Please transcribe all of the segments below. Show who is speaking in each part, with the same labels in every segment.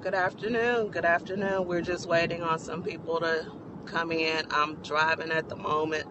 Speaker 1: Good afternoon. Good afternoon. We're just waiting on some people to come in. I'm driving at the moment.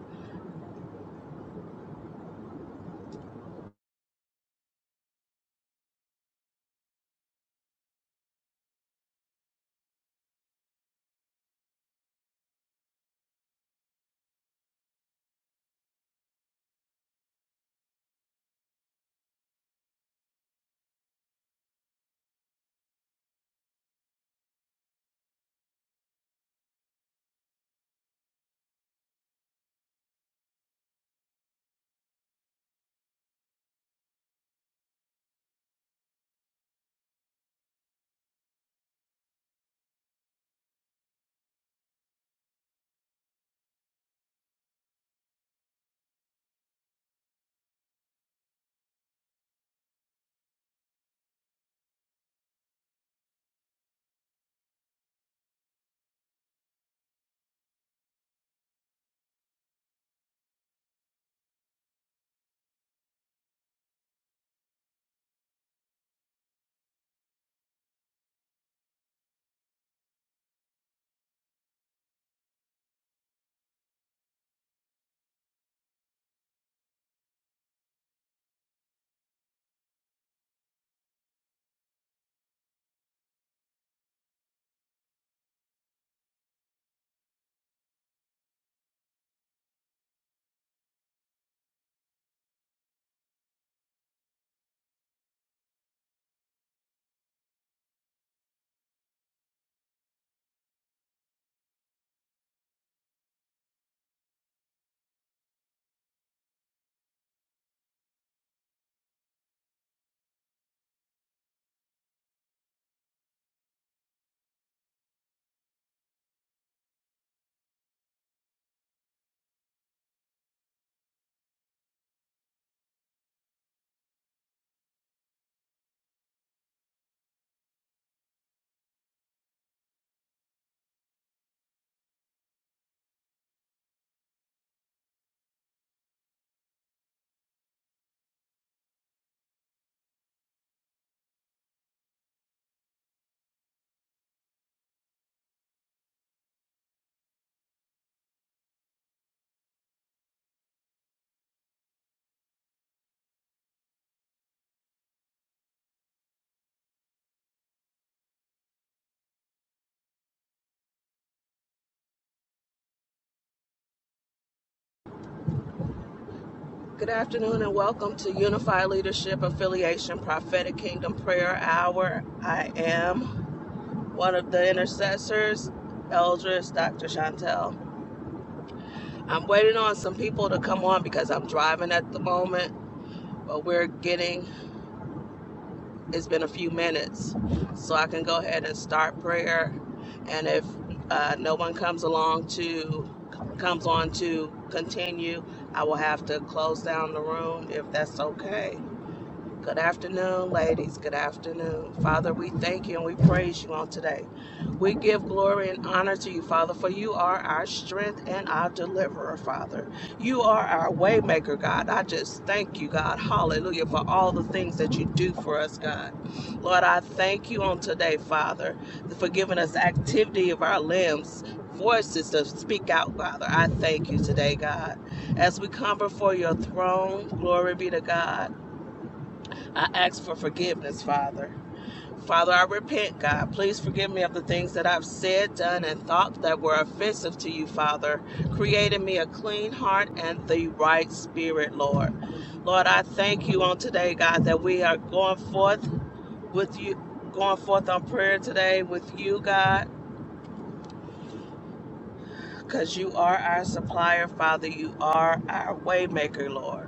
Speaker 1: Good afternoon and welcome to Unified Leadership Affiliation Prophetic Kingdom Prayer Hour. I am one of the intercessors, Eldris Dr. Chantel. I'm waiting on some people to come on because I'm driving at the moment, but we're getting It's been a few minutes, so I can go ahead and start prayer. And if uh, no one comes along to comes on to continue, I will have to close down the room if that's okay. Good afternoon, ladies. Good afternoon. Father, we thank you and we praise you on today. We give glory and honor to you, Father, for you are our strength and our deliverer, Father. You are our waymaker, God. I just thank you, God. Hallelujah, for all the things that you do for us, God. Lord, I thank you on today, Father, for giving us activity of our limbs. Voices to speak out, Father. I thank you today, God. As we come before your throne, glory be to God. I ask for forgiveness, Father. Father, I repent, God. Please forgive me of the things that I've said, done, and thought that were offensive to you, Father. Create in me a clean heart and the right spirit, Lord. Lord, I thank you on today, God, that we are going forth with you, going forth on prayer today with you, God, because you are our supplier, Father. You are our waymaker, Lord.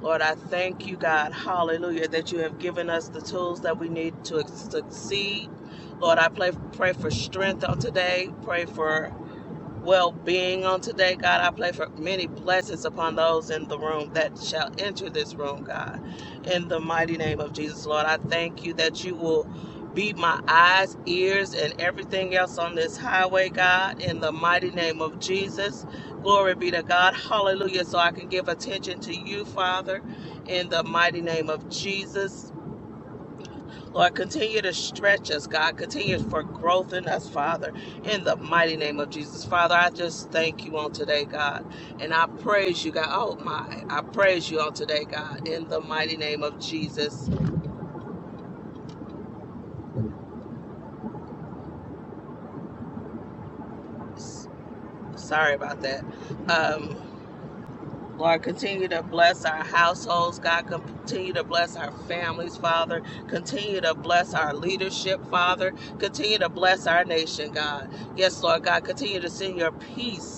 Speaker 1: Lord, I thank you, God, hallelujah, that you have given us the tools that we need to succeed. Lord, I pray, pray for strength on today. Pray for well being on today, God. I pray for many blessings upon those in the room that shall enter this room, God. In the mighty name of Jesus, Lord, I thank you that you will be my eyes, ears, and everything else on this highway, God. In the mighty name of Jesus, glory be to God. Hallelujah. So I can give attention to you, Father. In the mighty name of Jesus. Lord, continue to stretch us, God. Continue for growth in us, Father, in the mighty name of Jesus. Father, I just thank you on today, God. And I praise you, God. Oh, my. I praise you on today, God, in the mighty name of Jesus. S- Sorry about that. Um, Lord, continue to bless our households, God. Continue to bless our families, Father. Continue to bless our leadership, Father. Continue to bless our nation, God. Yes, Lord God. Continue to send your peace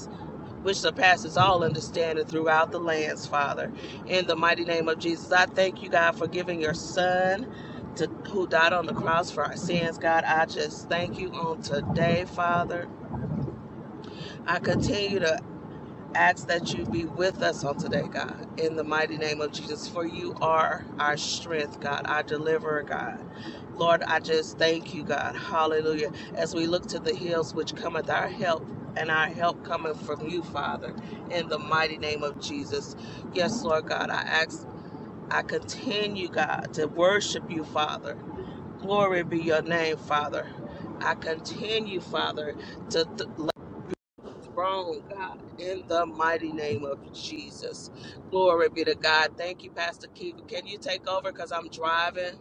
Speaker 1: which surpasses all understanding throughout the lands, Father. In the mighty name of Jesus, I thank you, God, for giving your son to, who died on the cross for our sins, God. I just thank you on today, Father. I continue to ask that you be with us on today, God, in the mighty name of Jesus, for you are our strength, God, our deliverer, God. Lord, I just thank you, God. Hallelujah. As we look to the hills which cometh our help, and our help cometh from you, Father, in the mighty name of Jesus. Yes, Lord God, I ask, I continue, God, to worship you, Father. Glory be your name, Father. I continue, Father, to th- wrong, God, in the mighty name of Jesus. Glory be to God. Thank you, Pastor Kiva. Can you take over because I'm driving?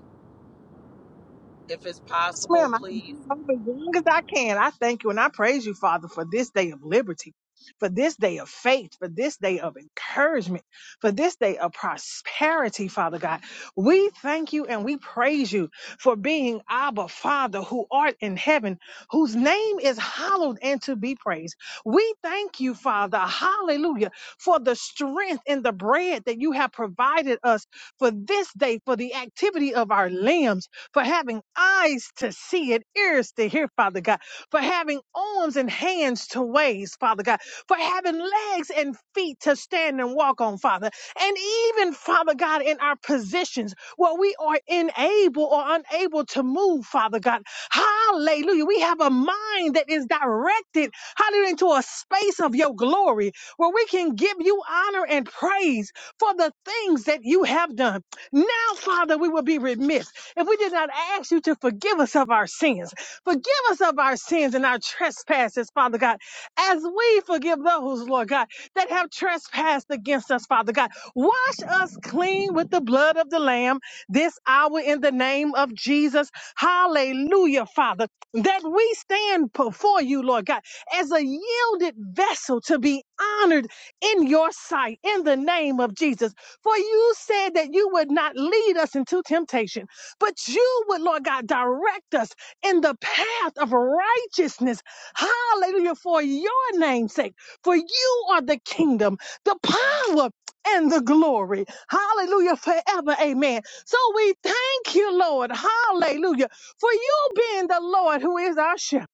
Speaker 1: If it's
Speaker 2: Yes,
Speaker 1: possible,
Speaker 2: ma'am. I swear,
Speaker 1: please.
Speaker 2: I'm over as long as I can. I thank you and I praise you, Father, for this day of liberty, for this day of faith, for this day of encouragement, for this day of prosperity, Father God. We thank you and we praise you for being Abba, Father, who art in heaven, whose name is hallowed and to be praised. We thank you, Father, hallelujah, for the strength and the bread that you have provided us for this day, for the activity of our limbs for having eyes to see it, ears to hear, Father God, for having arms and hands to raise, Father God, for having legs and feet to stand and walk on, Father. And even, Father God, in our positions where we are unable or unable to move, Father God. Hallelujah. We have a mind that is directed, hallelujah, into a space of your glory where we can give you honor and praise for the things that you have done. Now, Father, we will be remiss if we did not ask you to forgive us of our sins. Forgive us of our sins and our trespasses, Father God, as we forgive those, Lord God, that have trespassed against us, Father God. Wash us clean with the blood of the Lamb this hour in the name of Jesus. Hallelujah, Father, that we stand before you, Lord God, as a yielded vessel to be honored in your sight in the name of Jesus. For you said that you would not lead us into temptation, but you would, Lord God, direct us in the path of righteousness. Hallelujah. For your name's sake. For you are the kingdom, the power, and the glory. Hallelujah. Forever. Amen. So we thank you, Lord. Hallelujah. For you being the Lord who is our shepherd.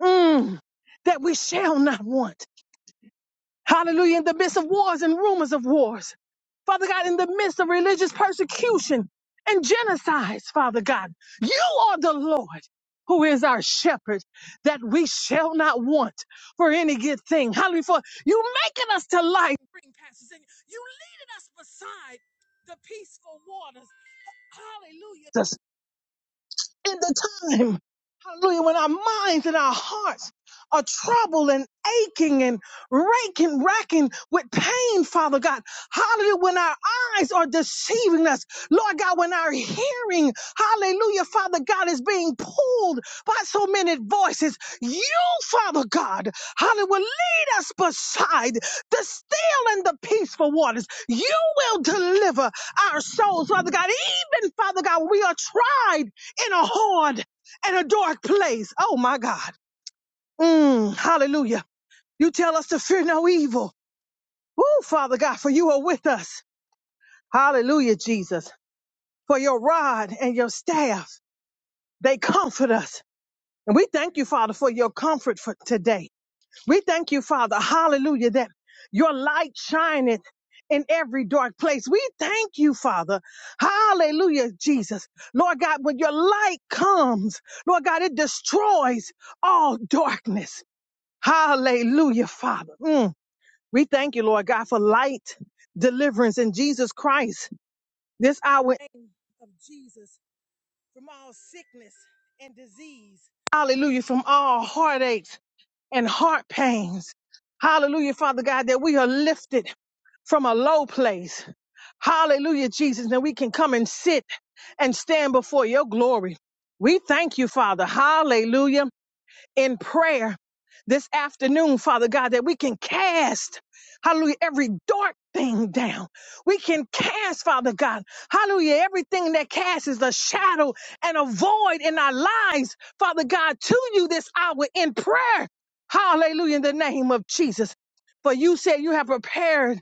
Speaker 2: Mm, that we shall not want. Hallelujah. In the midst of wars and rumors of wars. Father God, in the midst of religious persecution and genocides, Father God, you are the Lord who is our shepherd that we shall not want for any good thing. Hallelujah. For you making us to lie. in Green pastures and you leading us beside the peaceful waters. Hallelujah in the time, hallelujah, when our minds and our hearts are troubled and aching and raking, racking with pain, Father God. Hallelujah, when our eyes are deceiving us, Lord God, when our hearing, hallelujah, Father God, is being pulled by so many voices, you, Father God, hallelujah, will lead us beside the still and the peaceful waters. You will deliver our souls, Father God, even, Father God, when we are tried in a horn and a dark place. Oh my God. Mm, hallelujah. You tell us to fear no evil. Woo, Father God, for you are with us. Hallelujah, Jesus. For your rod and your staff, they comfort us. And we thank you, Father, for your comfort for today. We thank you, Father. Hallelujah. That your light shineth in every dark place. We thank you, Father. Hallelujah, Jesus. Lord God, when your light comes, Lord God, it destroys all darkness. Hallelujah, Father. Mm. We thank you, Lord God, for light deliverance in Jesus Christ. This hour in the name of Jesus from all sickness and disease. Hallelujah, from all heartaches and heart pains. Hallelujah, Father God, that we are lifted from a low place. Hallelujah, Jesus, that we can come and sit and stand before your glory. We thank you, Father. Hallelujah in prayer this afternoon, Father God, that we can cast, hallelujah, every dark thing down. We can cast, Father God, hallelujah, everything that casts is a shadow and a void in our lives, Father God, to you this hour in prayer. Hallelujah, in the name of Jesus. For you said you have prepared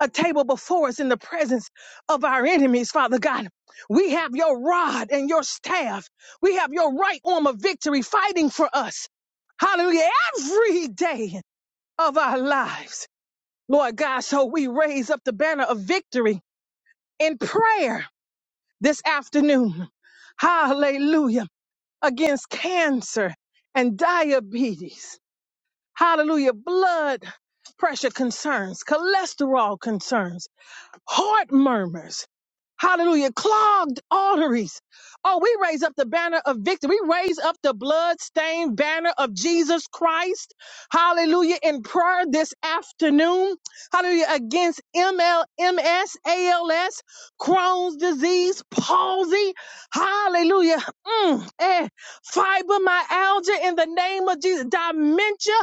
Speaker 2: a table before us in the presence of our enemies, Father God. We have your rod and your staff. We have your right arm of victory fighting for us. Hallelujah. Every day of our lives, Lord God. So we raise up the banner of victory in prayer this afternoon. Hallelujah. Against cancer and diabetes. Hallelujah. Blood pressure concerns, cholesterol concerns heart murmurs. Hallelujah. Clogged arteries. Oh, we raise up the banner of victory. We raise up the blood-stained banner of Jesus Christ. Hallelujah. In prayer this afternoon. Hallelujah. Against M L M S A L S, Crohn's disease, palsy. Hallelujah. Mm, eh, fibromyalgia in the name of Jesus. Dementia,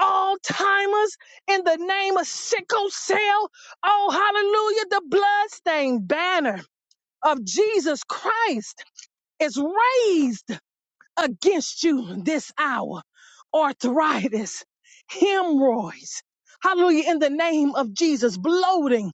Speaker 2: Alzheimer's in the name of sickle cell Oh, hallelujah. The bloodstained banner of Jesus Christ is raised against you this hour. Arthritis, hemorrhoids, hallelujah, in the name of Jesus, bloating,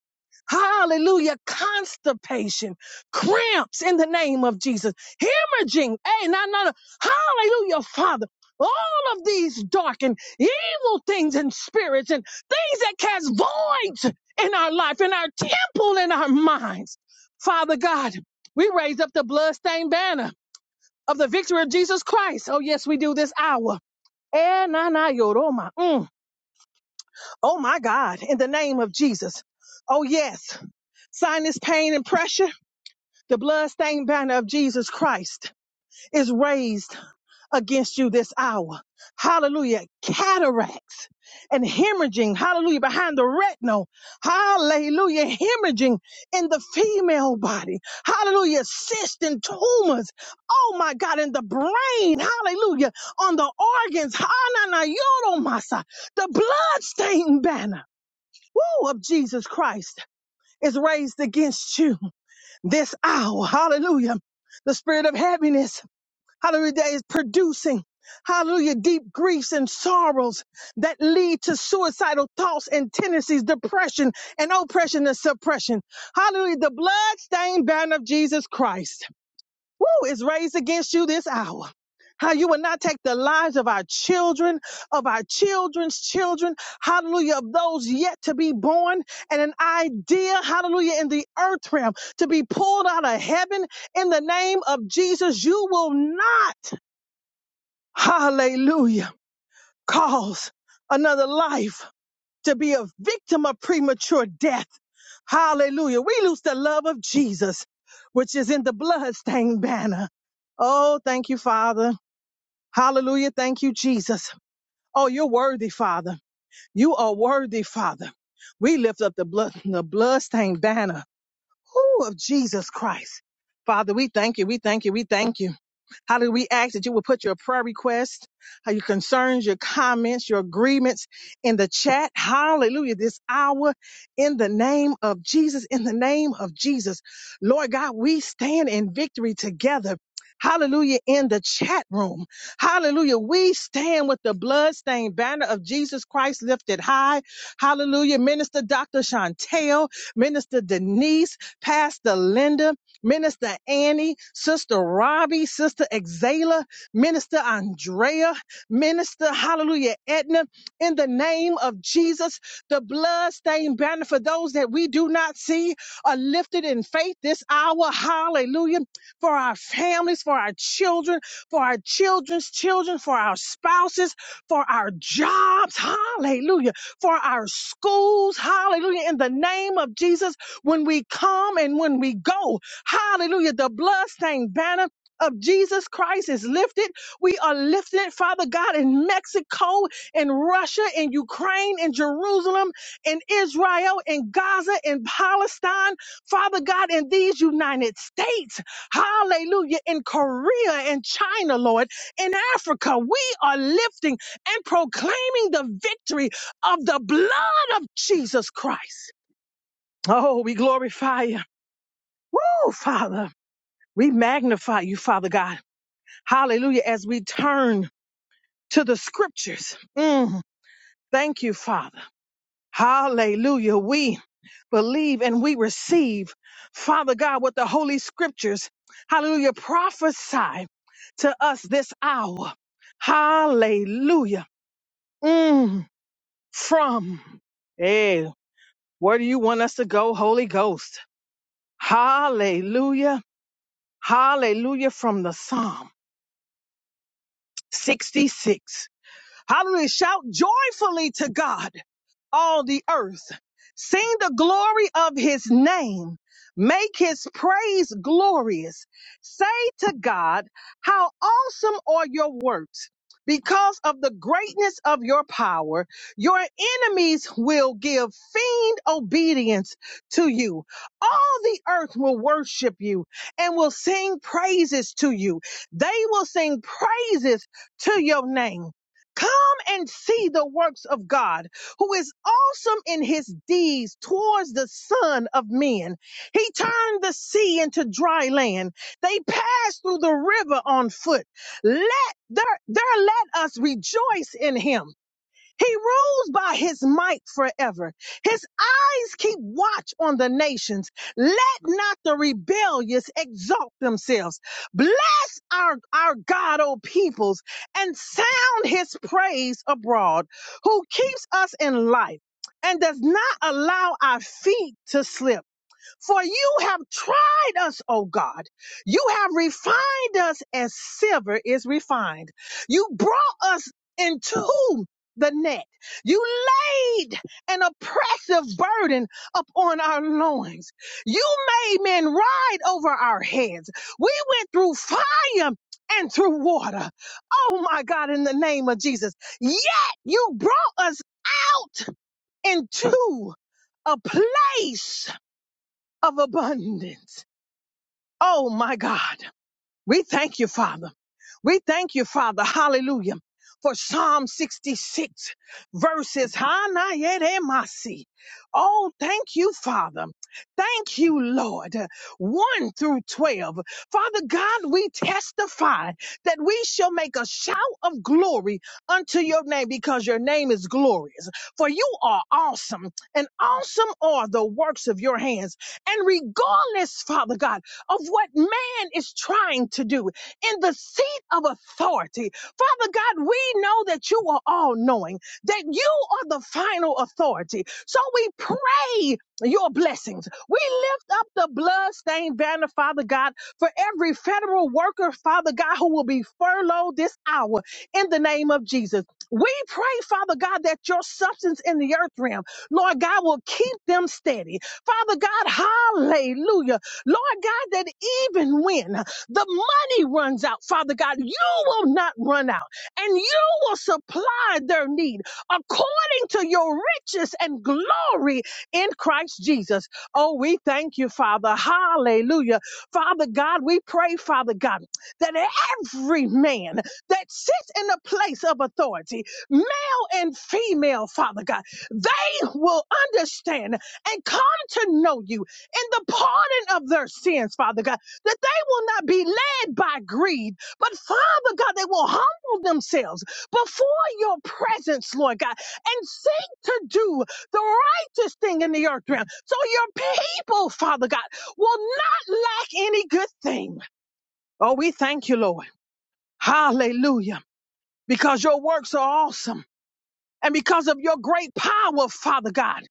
Speaker 2: hallelujah, constipation, cramps in the name of Jesus, hemorrhaging, hey, no, no, no, hallelujah, Father. All of these dark and evil things and spirits and things that cast voids in our life, in our temple, in our minds. Father God, we raise up the bloodstained banner of the victory of Jesus Christ. Oh, yes, we do this hour. Eh, na, na, yo, Roma. Mm. Oh, my God, in the name of Jesus. Oh, yes, sinus pain and pressure. The bloodstained banner of Jesus Christ is raised against you this hour. Hallelujah. Cataracts and hemorrhaging. Hallelujah. Behind the retinal. Hallelujah. Hemorrhaging in the female body. Hallelujah. Cysts and tumors. Oh my God. In the brain. Hallelujah. On the organs. Hananayoromasa. The bloodstained banner. Woo, of Jesus Christ is raised against you this hour. Hallelujah. The spirit of heaviness Hallelujah, that is producing, hallelujah, deep griefs and sorrows that lead to suicidal thoughts and tendencies, depression and oppression and suppression. Hallelujah, the bloodstained banner of Jesus Christ, woo, is raised against you this hour. How you will not take the lives of our children, of our children's children, hallelujah, of those yet to be born, and an idea, hallelujah, in the earth realm to be pulled out of heaven in the name of Jesus. You will not hallelujah, cause another life to be a victim of premature death. Hallelujah. We lose the love of Jesus, which is in the bloodstained banner. Oh, thank you, Father. Hallelujah. Thank you, Jesus. Oh, you're worthy, Father. You are worthy, Father. We lift up the blood, the bloodstained banner ooh, of Jesus Christ. Father, we thank you. We thank you. We thank you. Hallelujah. We ask that you will put your prayer requests, uh, your concerns, your comments, your agreements in the chat. Hallelujah. This hour in the name of Jesus, in the name of Jesus. Lord God, we stand in victory together. Hallelujah in the chat room. Hallelujah. We stand with the bloodstained banner of Jesus Christ lifted high. Hallelujah. Minister Dr. Chantel, Minister Denise, Pastor Linda. Minister Annie, Sister Robbie, Sister Exala, Minister Andrea, Minister Hallelujah Edna, in the name of Jesus, the bloodstained banner for those that we do not see are lifted in faith this hour. Hallelujah. For our families, for our children, for our children's children, for our spouses, for our jobs. Hallelujah. For our schools. Hallelujah. In the name of Jesus, when we come and when we go. Hallelujah. The bloodstained banner of Jesus Christ is lifted. We are lifted, Father God, in Mexico, in Russia, in Ukraine, in Jerusalem, in Israel, in Gaza, in Palestine, Father God, in these United States. Hallelujah. In Korea, in China, Lord, in Africa, we are lifting and proclaiming the victory of the blood of Jesus Christ. Oh, we glorify you. Woo, Father. We magnify you, Father God. Hallelujah. As we turn to the scriptures. Mm, thank you, Father. Hallelujah. We believe and we receive, Father God, what the Holy Scriptures, hallelujah, prophesy to us this hour. Hallelujah. Mm, from. Hey, where do you want us to go, Holy Ghost? Hallelujah. Hallelujah from the Psalm 66. Hallelujah. Shout joyfully to God all the earth. Sing the glory of his name. Make his praise glorious. Say to God, How awesome are your works! Because of the greatness of your power, your enemies will give fiend obedience to you. All the earth will worship you and will sing praises to you. They will sing praises to your name. Come and see the works of God who is awesome in his deeds towards the Son of Men. He turned the sea into dry land. They passed through the river on foot. Let there, there let us rejoice in him. He rules by his might forever. His eyes keep watch on the nations. Let not the rebellious exalt themselves. Bless our, our God, O peoples, and sound his praise abroad, who keeps us in life and does not allow our feet to slip. For you have tried us, O God. You have refined us as silver is refined. You brought us into the net. You laid an oppressive burden upon our loins. You made men ride over our heads. We went through fire and through water. Oh my God, in the name of Jesus. Yet you brought us out into a place of abundance. Oh my God. We thank you, Father. We thank you, Father. Hallelujah. For Psalm 66 verses Hanayedemasi. Oh, thank you, Father. Thank you, Lord. 1 through 12. Father God, we testify that we shall make a shout of glory unto your name because your name is glorious. For you are awesome, and awesome are the works of your hands. And regardless, Father God, of what man is trying to do in the seat of authority. Father God, we know that you are all knowing, that you are the final authority. So we pray your blessings. We lift up the bloodstained banner, Father God, for every federal worker, Father God, who will be furloughed this hour in the name of Jesus. We pray, Father God, that your substance in the earth realm, Lord God, will keep them steady. Father God, hallelujah. Lord God, that even when the money runs out, Father God, you will not run out and you will supply their need according to your riches and glory in Christ Jesus. Oh, we thank you, Father. Hallelujah. Father God, we pray, Father God, that every man that sits in a place of authority, male and female, Father God, they will understand and come to know you in the pardon of their sins, Father God, that they will not be led by greed, but Father God, they will humble themselves before your presence, Lord God, and seek to do the righteous thing in the earth realm. So your people, Father God, will not lack any good thing. Oh, we thank you, Lord. Hallelujah. Because your works are awesome. And because of your great power, Father God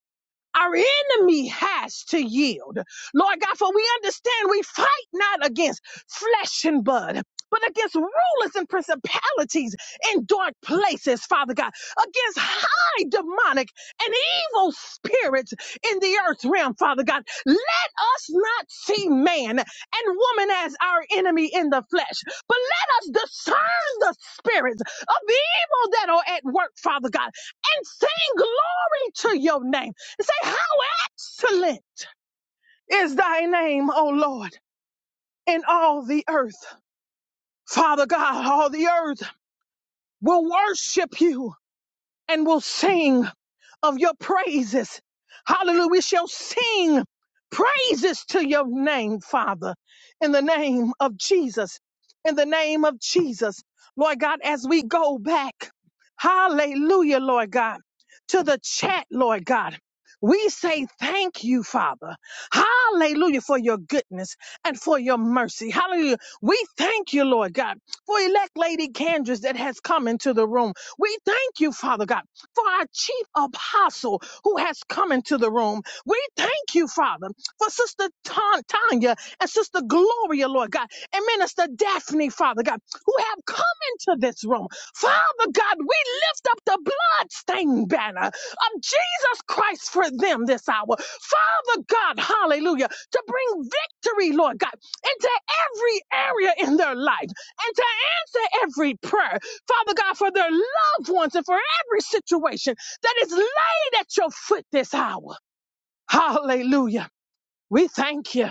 Speaker 2: our enemy has to yield. Lord God, for we understand we fight not against flesh and blood, but against rulers and principalities in dark places, Father God, against high demonic and evil spirits in the earth realm, Father God. Let us not see man and woman as our enemy in the flesh, but let us discern the spirits of evil that are at work, Father God, and sing glory to your name. Say, How excellent is thy name, O Lord, in all the earth. Father God, all the earth will worship you and will sing of your praises. Hallelujah. We shall sing praises to your name, Father, in the name of Jesus. In the name of Jesus. Lord God, as we go back, hallelujah, Lord God, to the chat, Lord God. We say thank you, Father. Hallelujah for your goodness and for your mercy. Hallelujah. We thank you, Lord God, for elect Lady Candace that has come into the room. We thank you, Father God for our chief apostle who has come into the room. We thank you, Father, for Sister Tan- Tanya and Sister Gloria, Lord God, and Minister Daphne, Father God, who have come into this room. Father God, we lift up the bloodstained banner of Jesus Christ for them this hour. Father God, hallelujah, to bring victory, Lord God, into every area in their life and to answer every prayer. Father God, for their loved ones and for every situation that is laid at your foot this hour. Hallelujah. We thank you.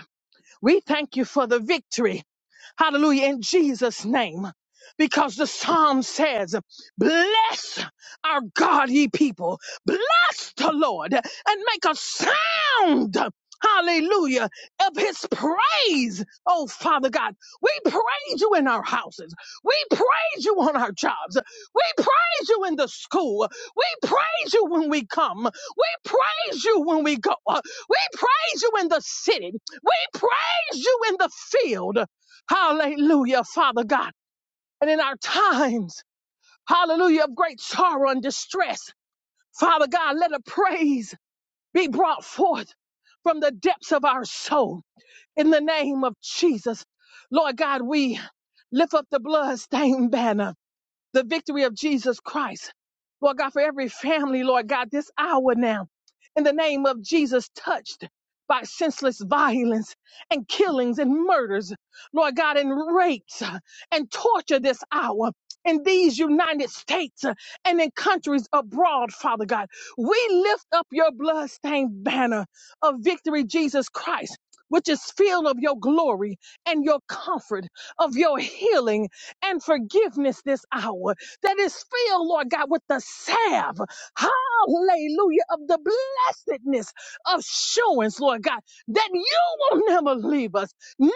Speaker 2: We thank you for the victory. Hallelujah. In Jesus' name. Because the psalm says, Bless our God, ye people. Bless the Lord and make a sound. Hallelujah. Of his praise. Oh, Father God, we praise you in our houses. We praise you on our jobs. We praise you in the school. We praise you when we come. We praise you when we go. We praise you in the city. We praise you in the field. Hallelujah, Father God. And in our times, hallelujah, of great sorrow and distress, Father God, let a praise be brought forth from the depths of our soul in the name of Jesus. Lord God, we lift up the bloodstained banner the victory of Jesus Christ. Lord God, for every family, Lord God, this hour now, in the name of Jesus, touched by senseless violence and killings and murders, Lord God, and rapes uh, and torture this hour in these United States uh, and in countries abroad, Father God. We lift up your bloodstained banner of victory, Jesus Christ. Which is filled of your glory and your comfort, of your healing and forgiveness this hour that is filled, Lord God, with the salve, hallelujah, of the blessedness assurance, Lord God, that you will never leave us, neither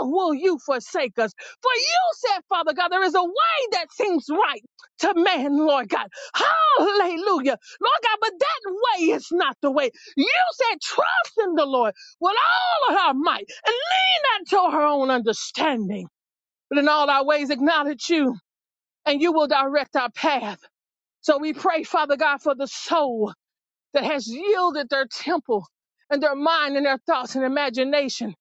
Speaker 2: will you forsake us. For you said, Father God, there is a way that seems right to man, Lord God. Hallelujah. Lord God, but that way is not the way. You said, trust in the Lord with all of our might and lean not to our own understanding but in all our ways acknowledge you and you will direct our path. So we pray, Father God, for the soul that has yielded their temple and their mind and their thoughts and imagination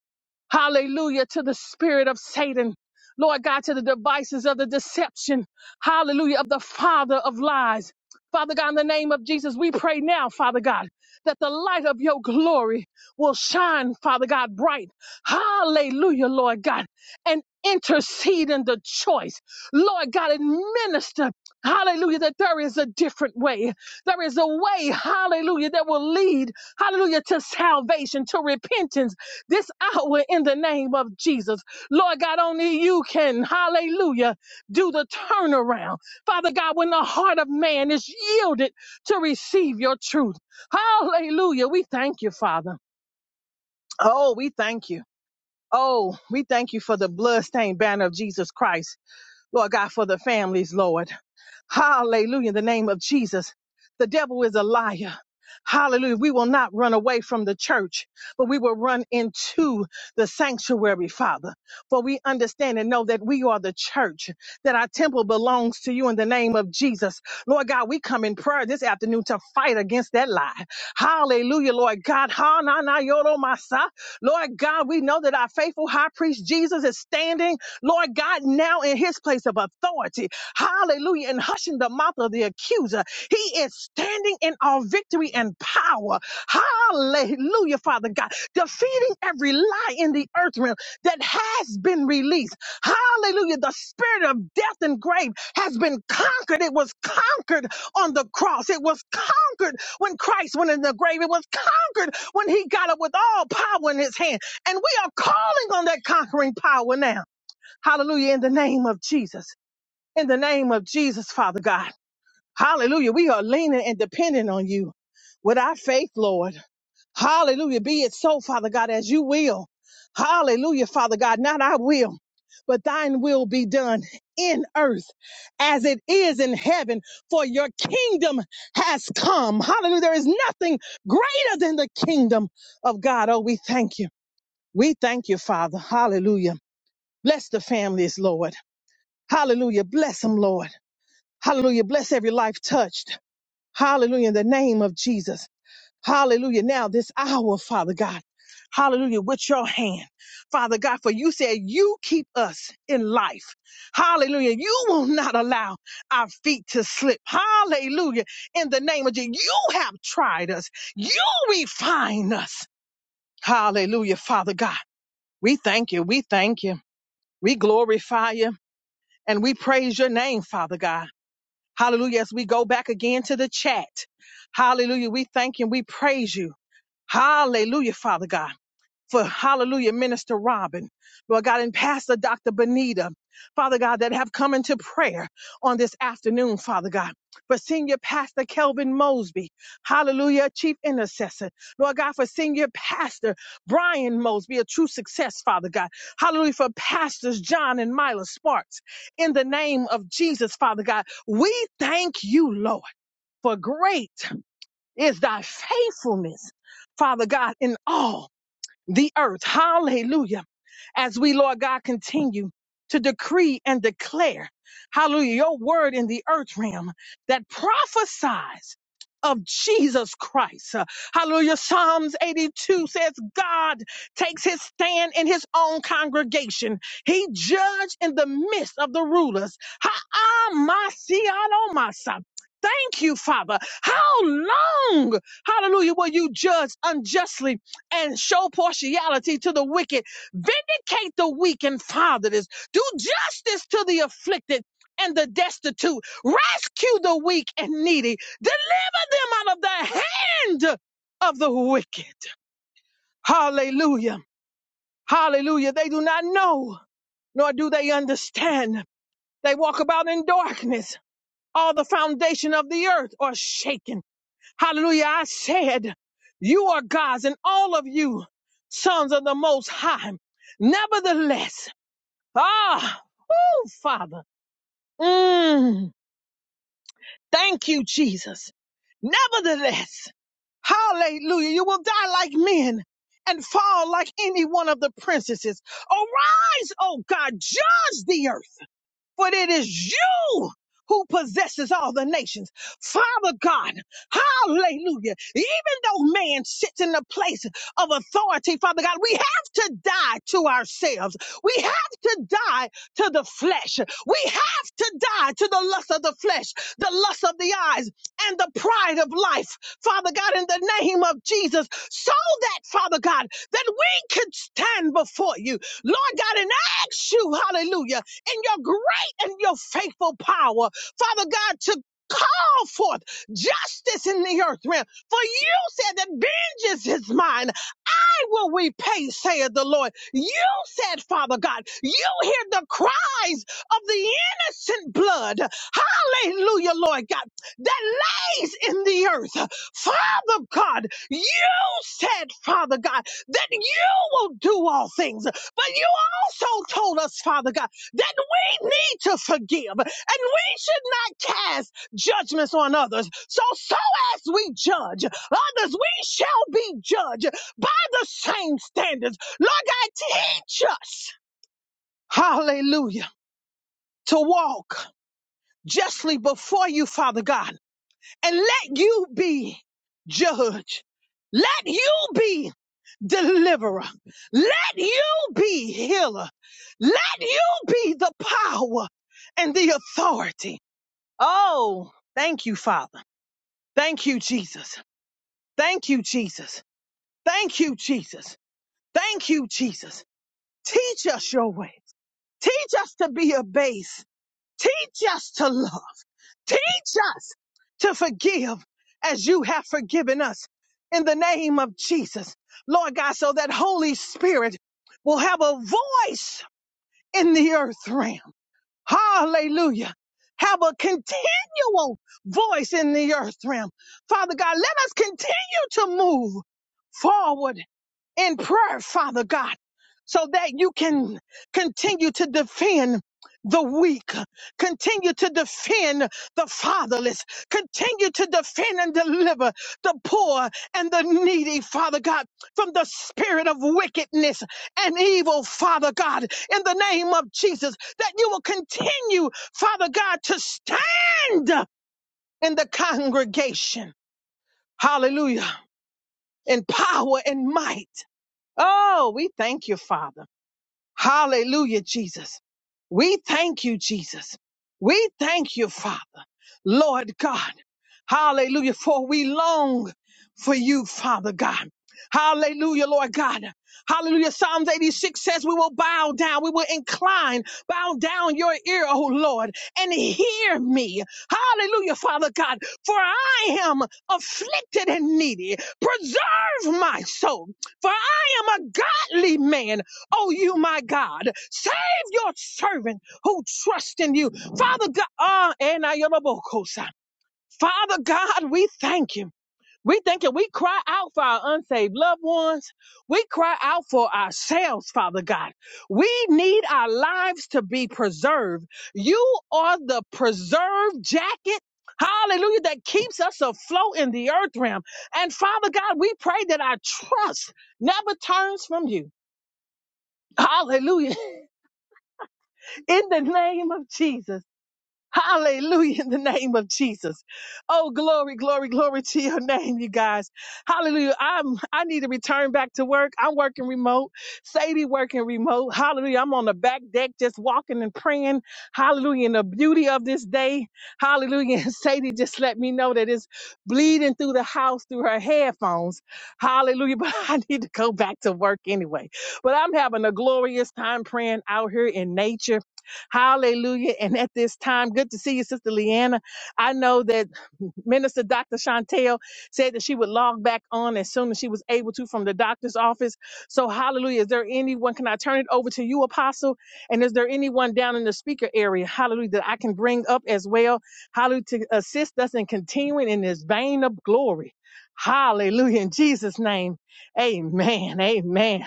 Speaker 2: Hallelujah to the spirit of Satan. Lord God, to the devices of the deception. Hallelujah of the father of lies. Father God, in the name of Jesus, we pray now, Father God, that the light of your glory will shine, Father God, bright. Hallelujah, Lord God, and intercede in the choice. Lord God, and minister. Hallelujah, that there is a different way. There is a way, hallelujah, that will lead, hallelujah, to salvation, to repentance this hour in the name of Jesus. Lord God, only you can, hallelujah, do the turnaround. Father God, when the heart of man is yielded to receive your truth. Hallelujah. We thank you, Father. Oh, we thank you. Oh, we thank you for the bloodstained banner of Jesus Christ. Lord God, for the families, Lord. Hallelujah. In the name of Jesus. The devil is a liar. Hallelujah. We will not run away from the church, but we will run into the sanctuary, Father. For we understand and know that we are the church, that our temple belongs to you in the name of Jesus. Lord God, we come in prayer this afternoon to fight against that lie. Hallelujah, Lord God. Ha, na, na, yo, do, ma, Lord God, we know that our faithful high priest Jesus is standing, Lord God, now in his place of authority. Hallelujah and hushing the mouth of the accuser. He is standing in our victory and power. Hallelujah, Father God. Defeating every lie in the earth realm that has been released. Hallelujah. The spirit of death and grave has been conquered. It was conquered on the cross. It was conquered when Christ went in the grave. It was conquered when he got up with all power in his hand. And we are calling on that conquering power now. Hallelujah. In the name of Jesus in the name of Jesus, Father God. Hallelujah. We are leaning and depending on you with our faith, Lord. Hallelujah. Be it so, Father God, as you will. Hallelujah, Father God. Not our will, but thine will be done in earth as it is in heaven. For your kingdom has come. Hallelujah. There is nothing greater than the kingdom of God. Oh, we thank you. We thank you, Father. Hallelujah. Bless the families, Lord. Hallelujah. Bless them, Lord. Hallelujah. Bless every life touched. Hallelujah. In the name of Jesus. Hallelujah. Now, this hour, Father God. Hallelujah. With your hand, Father God, for you said you keep us in life. Hallelujah. You will not allow our feet to slip. Hallelujah. In the name of Jesus, you have tried us. You refine us. Hallelujah, Father God. We thank you. We thank you. We glorify you and we praise your name, Father God. Hallelujah. As we go back again to the chat. Hallelujah. We thank and we praise you. Hallelujah, Father God for hallelujah, Minister Robin, Lord God, and Pastor Dr. Benita, Father God, that have come into prayer on this afternoon, Father God. For Senior Pastor Kelvin Mosby, hallelujah, Chief Intercessor. Lord God, for Senior Pastor Brian Mosby, a true success, Father God. Hallelujah, for Pastors John and Myla Sparks. In the name of Jesus, Father God, we thank you, Lord, for great is thy faithfulness, Father God, in all the earth. Hallelujah. As we, Lord God, continue to decree and declare, hallelujah, your word in the earth realm that prophesies of Jesus Christ. Uh, Hallelujah. Psalms 82 says God takes his stand in his own congregation. He judged in the midst of the rulers. Ha-ah-ma-si-ah-do-ma-sa. Thank you, Father. How long, hallelujah, will you judge unjustly and show partiality to the wicked. Vindicate the weak and fatherless. Do justice to the afflicted and the destitute. Rescue the weak and needy. Deliver them out of the hand of the wicked. Hallelujah. Hallelujah. They do not know, nor do they understand. They walk about in darkness. All the foundation of the earth are shaken. Hallelujah. I said, You are God's, and all of you sons of the Most High. Nevertheless, ah, oh, Father, mm, thank you, Jesus. Nevertheless, hallelujah, you will die like men and fall like any one of the princesses. Arise, oh God, judge the earth for it is you who possesses all the nations. Father God, hallelujah. Even though man sits in the place of authority, Father God, we have to die to ourselves. We have to die to the flesh. We have to die to the lust of the flesh, the lust of the eyes, and the pride of life, Father God, in the name of Jesus, so that, Father God, that we could stand before you, Lord God, and ask you, hallelujah, in your grace and your faithful power, Father God, to call forth justice in the earth realm. For you said that vengeance is mine will we pay, saith the Lord? You said, Father God, you hear the cries of the innocent blood. Hallelujah, Lord God, that lays in the earth. Father God, you said, Father God, that you will do all things. But you also told us, Father God, that we need to forgive and we should not cast judgments on others. So, so as we judge others, we shall be judged by the same standards. Lord God, teach us, hallelujah, to walk justly before you, Father God, and let you be judge. Let you be deliverer. Let you be healer. Let you be the power and the authority. Oh, thank you, Father. Thank you, Jesus. Thank you, Jesus. Thank you, Jesus. Thank you, Jesus. Teach us your way. Teach us to be a base. Teach us to love. Teach us to forgive as you have forgiven us in the name of Jesus. Lord God, so that Holy Spirit will have a voice in the earth realm. Hallelujah. Have a continual voice in the earth realm. Father God, let us continue to move forward in prayer, Father God, so that you can continue to defend the weak, continue to defend the fatherless, continue to defend and deliver the poor and the needy, Father God, from the spirit of wickedness and evil, Father God, in the name of Jesus, that you will continue, Father God, to stand in the congregation. Hallelujah. In power and might. Oh, we thank you, Father. Hallelujah, Jesus. We thank you, Jesus. We thank you, Father. Lord God. Hallelujah. For we long for you, Father God. Hallelujah, Lord God. Hallelujah. Psalms 86 says, We will bow down. We will incline, bow down your ear, O Lord, and hear me. Hallelujah, Father God. For I am afflicted and needy. Preserve my soul. For I am a godly man. Oh, you, my God your servant who trusts in you. Father God, ah, and I am a bokosa. Father God, we thank you. We thank you. We cry out for our unsaved loved ones. We cry out for ourselves, Father God. We need our lives to be preserved. You are the preserve jacket. Hallelujah, that keeps us afloat in the earth realm. And Father God, we pray that our trust never turns from you. Hallelujah. In the name of Jesus. Hallelujah in the name of Jesus. Oh, glory, glory, glory to your name, you guys. Hallelujah. I'm I need to return back to work. I'm working remote. Sadie working remote. Hallelujah. I'm on the back deck just walking and praying. Hallelujah. And the beauty of this day. Hallelujah. And Sadie just let me know that it's bleeding through the house through her headphones. Hallelujah. But I need to go back to work anyway. But I'm having a glorious time praying out here in nature. Hallelujah. And at this time, good to see you, Sister Leanna. I know that Minister Dr. Chantel said that she would log back on as soon as she was able to from the doctor's office. So, hallelujah. Is there anyone? Can I turn it over to you, Apostle? And is there anyone down in the speaker area, hallelujah, that I can bring up as well, hallelujah, to assist us in continuing in this vein of glory? Hallelujah. In Jesus' name, amen. Amen.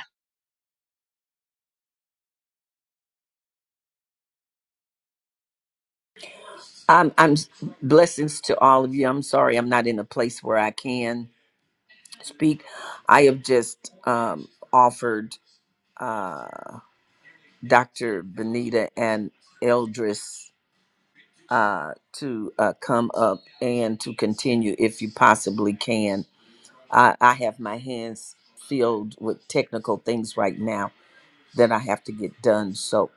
Speaker 3: I'm I'm blessings to all of you. I'm sorry I'm not in a place where I can speak. I have just um, offered uh, Dr. Benita and Eldris uh, to uh, come up and to continue if you possibly can. I, I have my hands filled with technical things right now. that I have to get done. So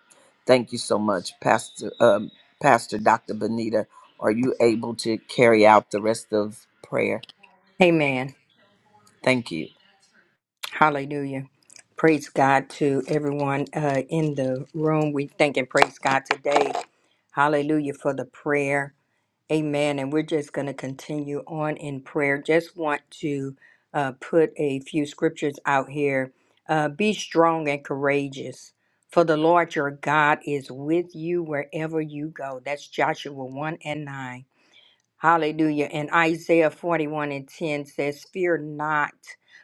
Speaker 3: thank you so much, Pastor um, Pastor Dr. Benita. Are you able to carry out the rest of prayer?
Speaker 4: Amen.
Speaker 3: Thank you.
Speaker 4: Hallelujah. Praise God to everyone uh, in the room. We thank and praise God today. Hallelujah for the prayer. Amen. And we're just going to continue on in prayer. Just want to uh, put a few scriptures out here. Uh, Be strong and courageous, for the Lord your God is with you wherever you go. That's Joshua 1 and 9. Hallelujah. And Isaiah 41 and 10 says, Fear not,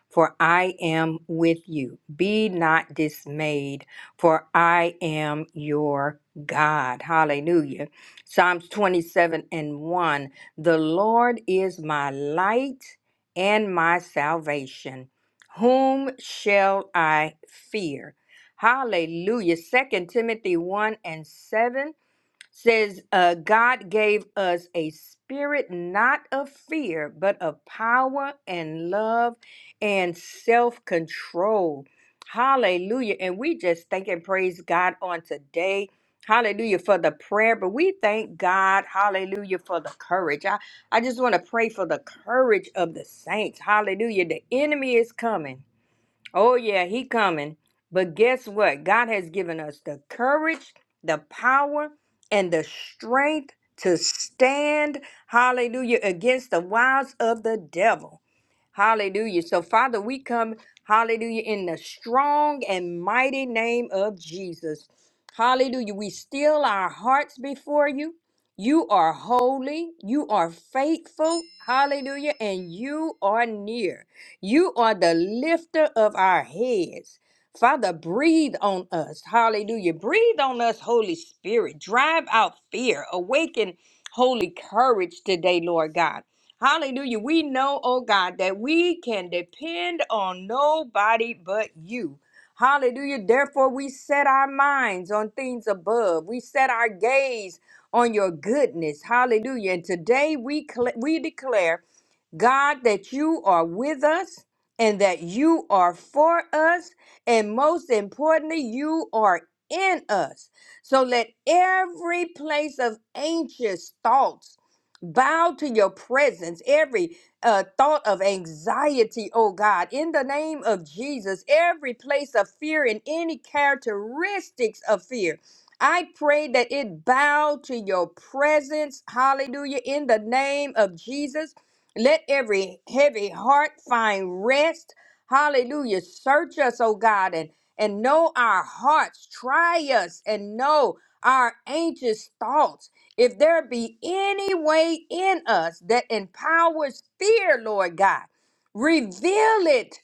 Speaker 4: for I am with you. Be not dismayed, for I am your God. Hallelujah. Psalms 27 and 1 The Lord is my light and my salvation. Whom shall I fear? Hallelujah. Second Timothy 1 and 7 says uh, God gave us a spirit not of fear, but of power and love and self control. Hallelujah. And we just thank and praise God on today. Hallelujah for the prayer, but we thank God, hallelujah, for the courage. I, I just want to pray for the courage of the saints. Hallelujah. The enemy is coming. Oh yeah, he coming. But guess what? God has given us the courage, the power, and the strength to stand, hallelujah, against the wiles of the devil. Hallelujah. So, Father, we come, hallelujah, in the strong and mighty name of Jesus. Hallelujah. We still our hearts before you. You are holy, you are faithful, hallelujah, and you are near. You are the lifter of our heads. Father, breathe on us. Hallelujah. Breathe on us, Holy Spirit. Drive out fear. Awaken holy courage today, Lord God. Hallelujah. We know, oh God, that we can depend on nobody but you. Hallelujah. Therefore, we set our minds on things above. We set our gaze on your goodness. Hallelujah. And today we cl- we declare God, that you are with us and that you are for us. And most importantly, you are in us. So let every place of anxious thoughts bow to your presence, every uh, thought of anxiety, oh God, in the name of Jesus, every place of fear and any characteristics of fear. I pray that it bow to your presence, hallelujah, in the name of Jesus. Let every heavy heart find rest. Hallelujah. Search us, oh God, and, and know our hearts. Try us and know our anxious thoughts. If there be any way in us that empowers fear, Lord God, reveal it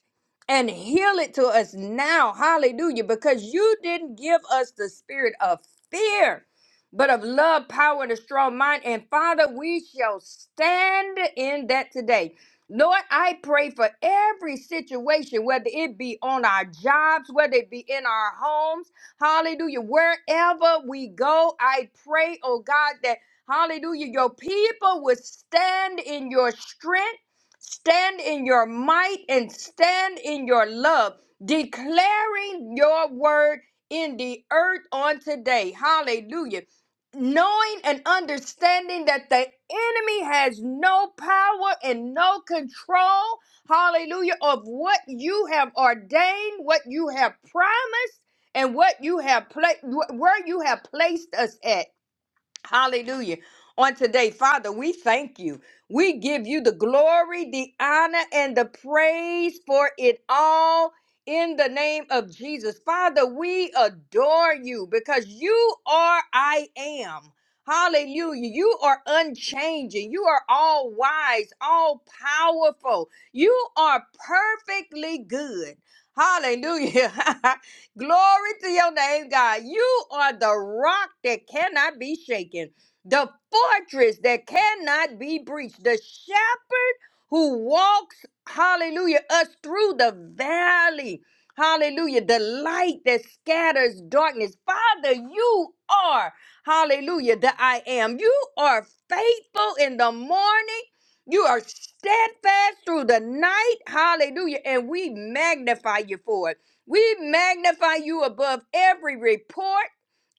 Speaker 4: and heal it to us now. Hallelujah. Because you didn't give us the spirit of fear but of love, power, and a strong mind. And Father, we shall stand in that today. Lord, I pray for every situation, whether it be on our jobs, whether it be in our homes, hallelujah, wherever we go, I pray, oh God, that hallelujah, your people would stand in your strength, stand in your might, and stand in your love, declaring your word in the earth on today. Hallelujah knowing and understanding that the enemy has no power and no control, hallelujah, of what you have ordained, what you have promised, and what you have pla- wh- where you have placed us at. Hallelujah. On today, Father, we thank you. We give you the glory, the honor, and the praise for it all in the name of Jesus. Father, we adore you because you are I am. Hallelujah. You are unchanging. You are all wise, all powerful. You are perfectly good. Hallelujah. Glory to your name, God. You are the rock that cannot be shaken, the fortress that cannot be breached, the shepherd who walks, hallelujah, us through the valley. Hallelujah. The light that scatters darkness. Father, you are, hallelujah, the I am. You are faithful in the morning. You are steadfast through the night. Hallelujah. And we magnify you for it. We magnify you above every report,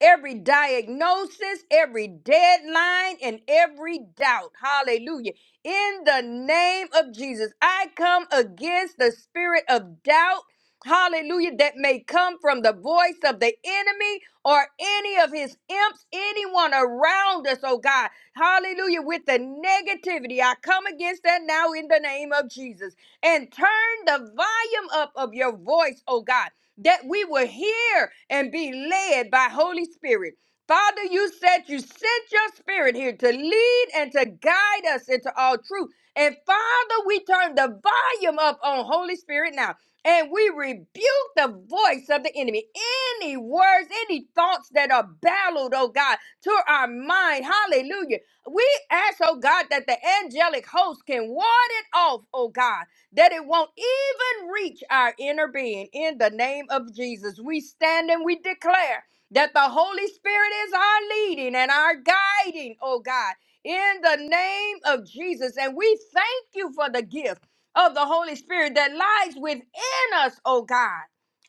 Speaker 4: every diagnosis, every deadline, and every doubt. Hallelujah. In the name of Jesus, I come against the spirit of doubt. Hallelujah, that may come from the voice of the enemy or any of his imps, anyone around us, oh God. Hallelujah, with the negativity. I come against that now in the name of Jesus and turn the volume up of your voice, oh God, that we will hear and be led by Holy Spirit. Father, you said you sent your spirit here to lead and to guide us into all truth. And Father, we turn the volume up on Holy Spirit now. And we rebuke the voice of the enemy. Any words, any thoughts that are battled, oh God, to our mind. Hallelujah. We ask, oh God, that the angelic host can ward it off, oh God that it won't even reach our inner being. In the name of Jesus, we stand and we declare that the Holy Spirit is our leading and our guiding, oh God, in the name of Jesus. And we thank you for the gift of the Holy Spirit that lies within us, oh God.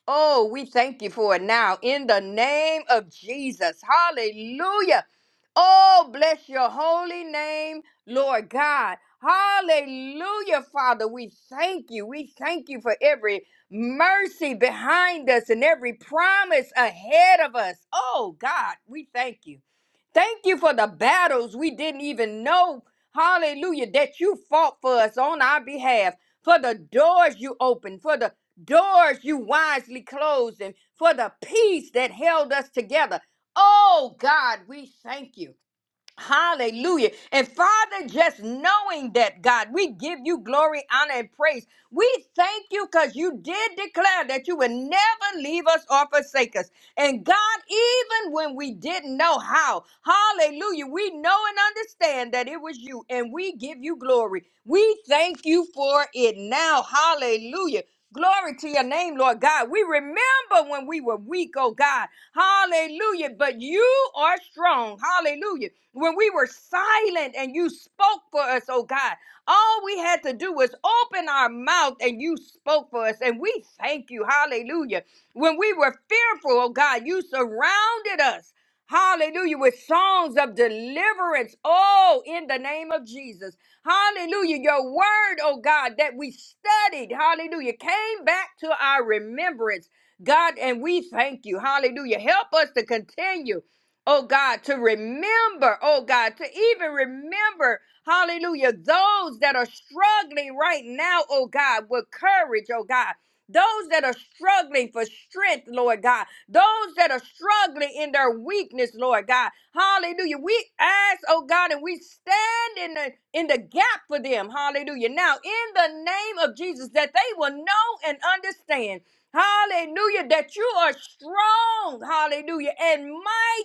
Speaker 4: Oh, we thank you for it now in the name of Jesus. Hallelujah. Oh, bless your holy name. Lord God. Hallelujah, Father. We thank you. We thank you for every mercy behind us and every promise ahead of us. Oh, God, we thank you. Thank you for the battles we didn't even know, hallelujah, that you fought for us on our behalf, for the doors you opened, for the doors you wisely closed, and for the peace that held us together. Oh, God, we thank you. Hallelujah. And Father, just knowing that, God, we give you glory, honor, and praise. We thank you because you did declare that you would never leave us or forsake us. And God, even when we didn't know how, hallelujah, we know and understand that it was you, and we give you glory. We thank you for it now. Hallelujah. Glory to your name, Lord God. We remember when we were weak, oh God. Hallelujah. But you are strong. Hallelujah. When we were silent and you spoke for us, oh God, all we had to do was open our mouth and you spoke for us. And we thank you. Hallelujah. When we were fearful, oh God, you surrounded us. Hallelujah. With songs of deliverance. Oh, in the name of Jesus. Hallelujah. Your word, oh God, that we studied. Hallelujah. Came back to our remembrance. God, and we thank you. Hallelujah. Help us to continue oh God, to remember, oh God, to even remember, hallelujah, those that are struggling right now, oh God, with courage, oh God. Those that are struggling for strength, Lord God. Those that are struggling in their weakness, Lord God. Hallelujah. We ask, oh God, and we stand in the in the gap for them. Hallelujah. Now, in the name of Jesus, that they will know and understand Hallelujah. That you are strong. Hallelujah. And mighty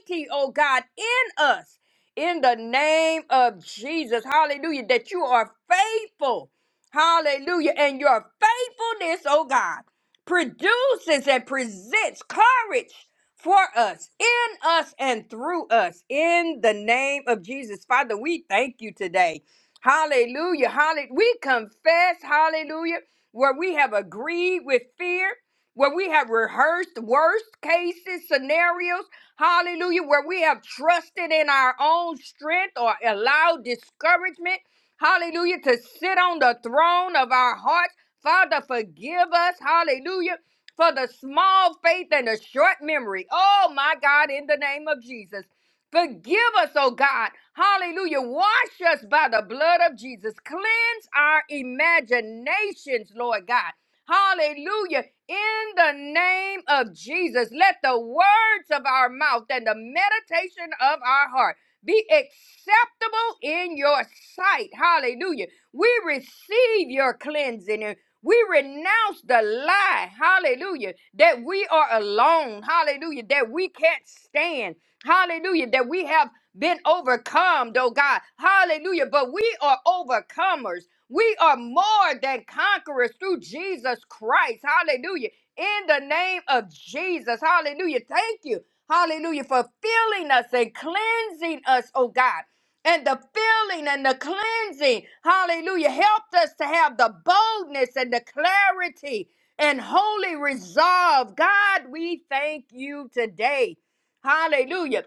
Speaker 4: mighty, oh God, in us. In the name of Jesus, hallelujah, that you are faithful, hallelujah, and your faithfulness, oh God, produces and presents courage for us, in us, and through us. In the name of Jesus, Father, we thank you today. Hallelujah. Hallelujah. We confess, hallelujah, where we have agreed with fear, where we have rehearsed worst cases, scenarios. Hallelujah. Where we have trusted in our own strength or allowed discouragement. Hallelujah. To sit on the throne of our hearts. Father, forgive us. Hallelujah. For the small faith and the short memory. Oh, my God, in the name of Jesus. Forgive us, oh God. Hallelujah. Wash us by the blood of Jesus. Cleanse our imaginations, Lord God. Hallelujah. In the name of Jesus, let the words of our mouth and the meditation of our heart be acceptable in your sight. Hallelujah. We receive your cleansing and we renounce the lie, hallelujah, that we are alone, hallelujah, that we can't stand, hallelujah, that we have been overcome, oh God, hallelujah, but we are overcomers, we are more than conquerors through Jesus Christ. Hallelujah. In the name of Jesus. Hallelujah. Thank you. Hallelujah. For filling us and cleansing us, oh God. And the filling and the cleansing, hallelujah, helped us to have the boldness and the clarity and holy resolve. God, we thank you today. Hallelujah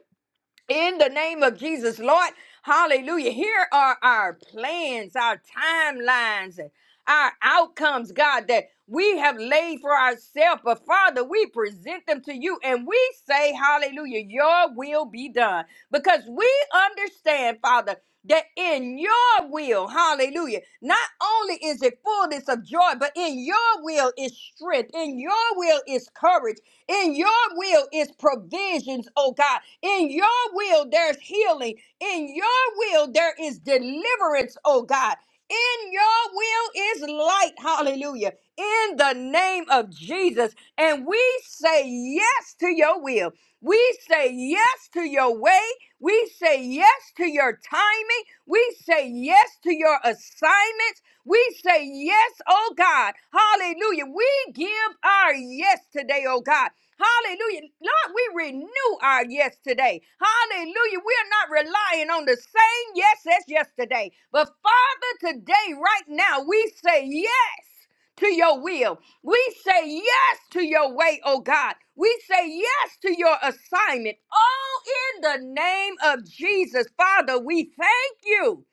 Speaker 4: in the name of Jesus, Lord. Hallelujah. Here are our plans, our timelines, and our outcomes, God, that we have laid for ourselves. But Father, we present them to you and we say, Hallelujah, your will be done. Because we understand, Father, that in your will, hallelujah, not only is it fullness of joy, but in your will is strength, in your will is courage, in your will is provisions, oh God. In your will, there's healing. In your will, there is deliverance, oh God. In your will is light, hallelujah. In the name of Jesus. And we say yes to your will. We say yes to your way. We say yes to your timing. We say yes to your assignments. We say yes, oh God. Hallelujah. We give our yes today, oh God. Hallelujah. Lord, we renew our yes today. Hallelujah. We are not relying on the same yes as yesterday. But Father, today, right now, we say yes to your will. We say yes to your way, oh God. We say yes to your assignment. Oh, in the name of Jesus, Father, we thank you.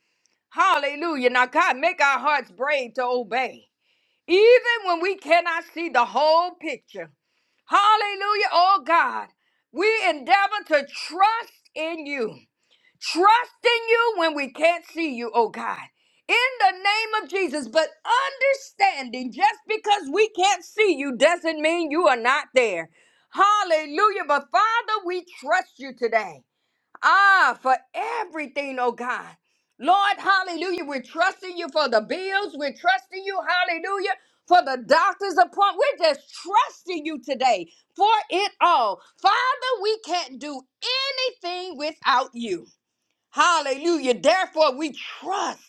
Speaker 4: Hallelujah. Now, God, make our hearts brave to obey. Even when we cannot see the whole picture, Hallelujah. Oh God, we endeavor to trust in you. Trust in you when we can't see you, oh God. In the name of Jesus, but understanding just because we can't see you doesn't mean you are not there. Hallelujah. But Father, we trust you today. Ah, for everything, oh God. Lord, hallelujah. We're trusting you for the bills. We're trusting you, hallelujah, for the doctor's appointment. We're just trusting you today for it all. Father, we can't do anything without you. Hallelujah. Therefore, we trust.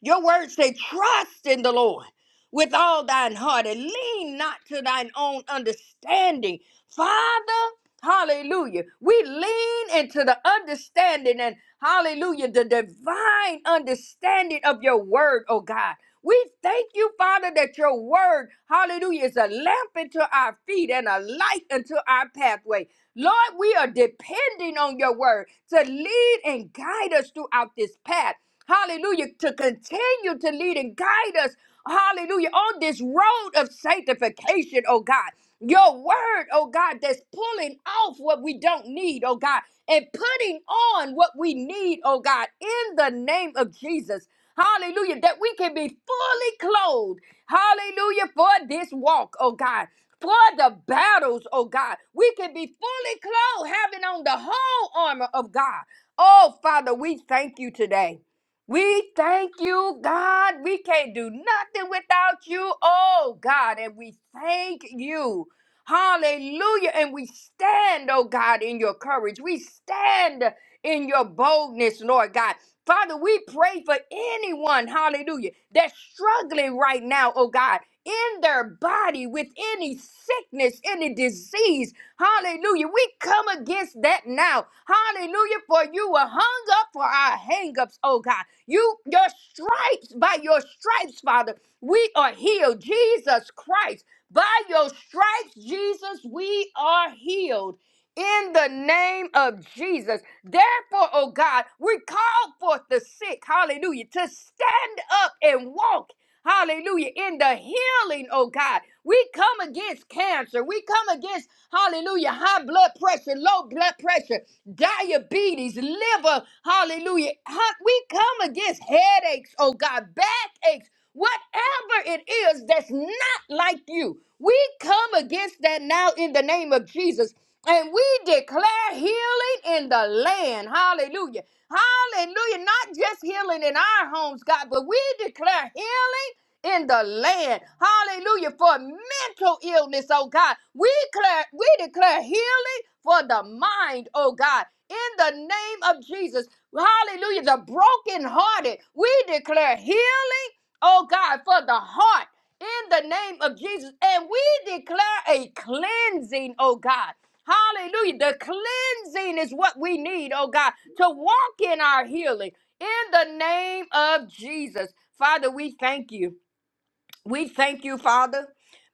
Speaker 4: Your words say, trust in the Lord with all thine heart and lean not to thine own understanding. Father, hallelujah. We lean into the understanding and hallelujah, the divine understanding of your word, oh God. We thank you, Father, that your word, hallelujah, is a lamp unto our feet and a light unto our pathway. Lord, we are depending on your word to lead and guide us throughout this path. Hallelujah, to continue to lead and guide us, hallelujah, on this road of sanctification, oh God. Your word, oh God, that's pulling off what we don't need, oh God, and putting on what we need, oh God, in the name of Jesus. Hallelujah. That we can be fully clothed. Hallelujah. For this walk, oh God. For the battles, oh God. We can be fully clothed, having on the whole armor of God. Oh, Father, we thank you today. We thank you, God. We can't do nothing without you, oh God. And we thank you. Hallelujah. And we stand, oh God, in your courage. We stand in your boldness, Lord God. Father, we pray for anyone, hallelujah, that's struggling right now, oh God, in their body with any sickness, any disease, hallelujah. We come against that now, hallelujah, for you were hung up for our hangups, oh God. You, your stripes, by your stripes, Father, we are healed. Jesus Christ, by your stripes, Jesus, we are healed in the name of Jesus. Therefore, oh God, we call forth the sick, hallelujah, to stand up and walk, hallelujah, in the healing, oh God. We come against cancer. We come against, hallelujah, high blood pressure, low blood pressure, diabetes, liver, hallelujah. Ha- We come against headaches, oh God, backaches, whatever it is that's not like you. We come against that now in the name of Jesus. And we declare healing in the land. Hallelujah. Hallelujah. Not just healing in our homes, God, but we declare healing in the land. Hallelujah. For mental illness, oh God. We declare, we declare healing for the mind, oh God. In the name of Jesus. Hallelujah. The brokenhearted. We declare healing oh God, for the heart in the name of Jesus. And we declare a cleansing, oh God. Hallelujah. The cleansing is what we need, oh God, to walk in our healing in the name of Jesus. Father, we thank you. We thank you, Father,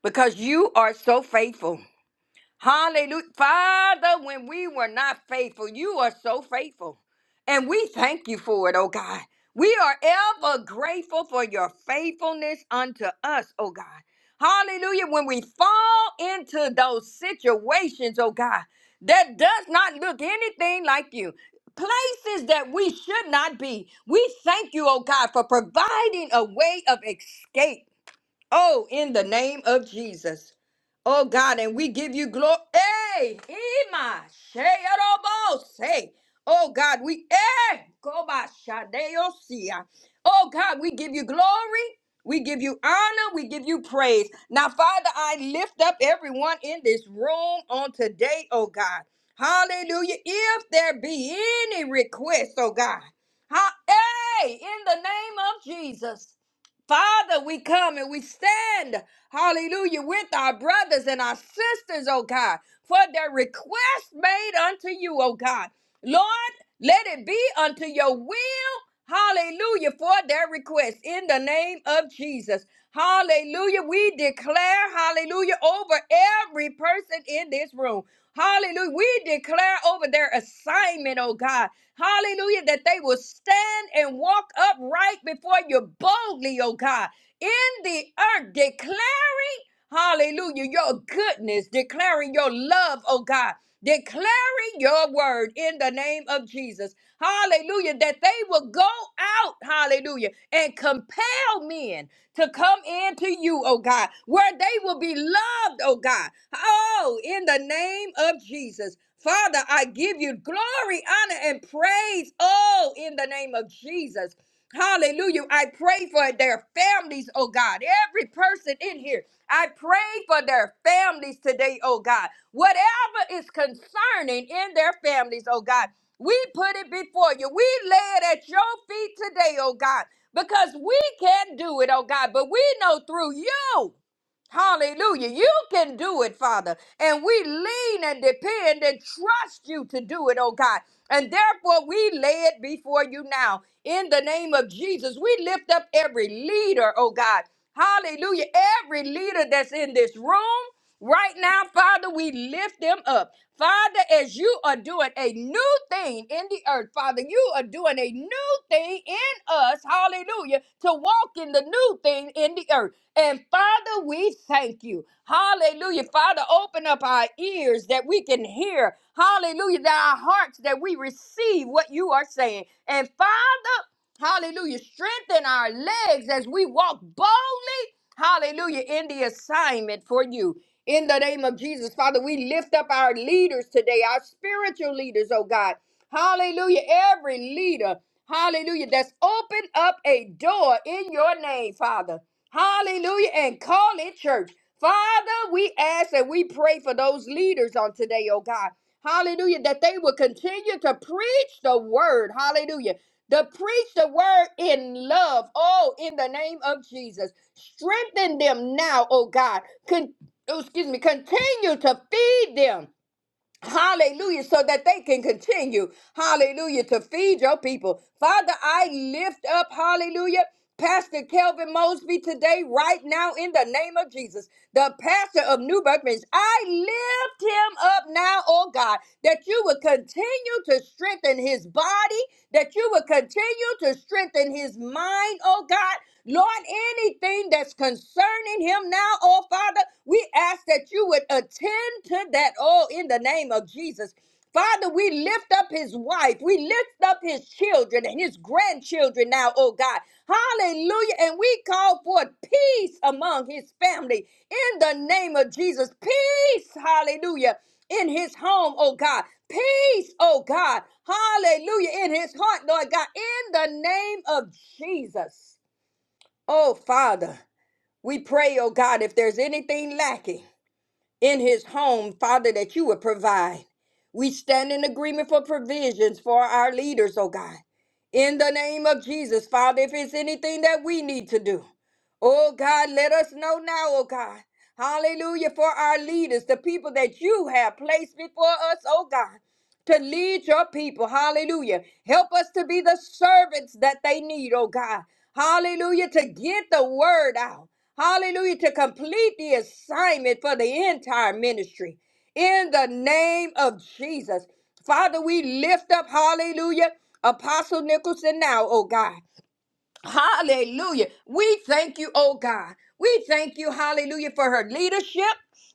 Speaker 4: because you are so faithful. Hallelujah. Father, when we were not faithful, you are so faithful. And we thank you for it, oh God. We are ever grateful for your faithfulness unto us, oh God. Hallelujah. When we fall into those situations, oh God, that does not look anything like you. Places that we should not be. We thank you, oh God, for providing a way of escape. Oh, in the name of Jesus. Oh God, and we give you glory. Hey, Ima, Sheyarobo, say. Oh God, we eh, go by Shadeosia. Oh God, we give you glory. We give you honor. We give you praise. Now, Father, I lift up everyone in this room on today, oh God. Hallelujah. If there be any request, oh God. Ha- hey, in the name of Jesus. Father, we come and we stand, hallelujah, with our brothers and our sisters, oh God, for their request made unto you, oh God. Lord, let it be unto your will, hallelujah, for their request in the name of Jesus. Hallelujah. We declare, hallelujah, over every person in this room. Hallelujah. We declare over their assignment, oh God. Hallelujah. That they will stand and walk upright before you boldly, oh God, in the earth, declaring, hallelujah, your goodness, declaring your love, oh God, declaring your word in the name of Jesus. Hallelujah. That they will go out, hallelujah, and compel men to come into you, oh God, where they will be loved, oh God. Oh, in the name of Jesus. Father, I give you glory, honor, and praise. Oh, in the name of Jesus. Hallelujah. I pray for their families, oh God. Every person in here, I pray for their families today, oh God. Whatever is concerning in their families, oh God, we put it before you. We lay it at your feet today, oh God because we can not do it, oh God, but we know through you. Hallelujah. You can do it, Father. And we lean and depend and trust you to do it, oh God. And therefore, we lay it before you now. In the name of Jesus, we lift up every leader, oh God. Hallelujah. Every leader that's in this room right now, Father, we lift them up. Father, as you are doing a new thing in the earth, Father, you are doing a new thing in us, hallelujah, to walk in the new thing in the earth. And Father, we thank you. Hallelujah. Father, open up our ears that we can hear. Hallelujah. That our hearts that we receive what you are saying. And Father, hallelujah, strengthen our legs as we walk boldly. Hallelujah. In the assignment for you. In the name of Jesus, Father, we lift up our leaders today, our spiritual leaders, oh God. Hallelujah. Every leader, hallelujah, that's opened up a door in your name, Father. Hallelujah. And call it church. Father, we ask and we pray for those leaders on today, oh God. Hallelujah. That they will continue to preach the word. Hallelujah. To preach the word in love. Oh, in the name of Jesus. Strengthen them now, oh God. Con- oh, excuse me. Continue to feed them. Hallelujah, so that they can continue, hallelujah, to feed your people. Father, I lift up, hallelujah, Pastor Kelvin Mosby today, right now, in the name of Jesus the pastor of New Birth Ministries. I lift him up now, oh God, that you would continue to strengthen his body, that you would continue to strengthen his mind, oh God. Lord, anything that's concerning him now, oh Father, we ask that you would attend to that, oh, in the name of Jesus. Father, we lift up his wife. We lift up his children and his grandchildren now, oh God. Hallelujah. And we call for peace among his family in the name of Jesus. Peace, hallelujah, in his home, oh God. Peace, oh God. Hallelujah, in his heart, Lord God, in the name of Jesus. Oh, Father, we pray, oh God, if there's anything lacking in his home, Father, that you would provide. We stand in agreement for provisions for our leaders, oh God. In the name of Jesus, Father, if it's anything that we need to do, oh God, let us know now, oh God. Hallelujah for our leaders, the people that you have placed before us, oh God to lead your people. Hallelujah. Help us to be the servants that they need, oh God. Hallelujah. To get the word out. Hallelujah. To complete the assignment for the entire ministry. In the name of Jesus. Father, we lift up, hallelujah, Apostle Nicholson now, oh God. Hallelujah. We thank you, oh God. We thank you, hallelujah, for her leadership.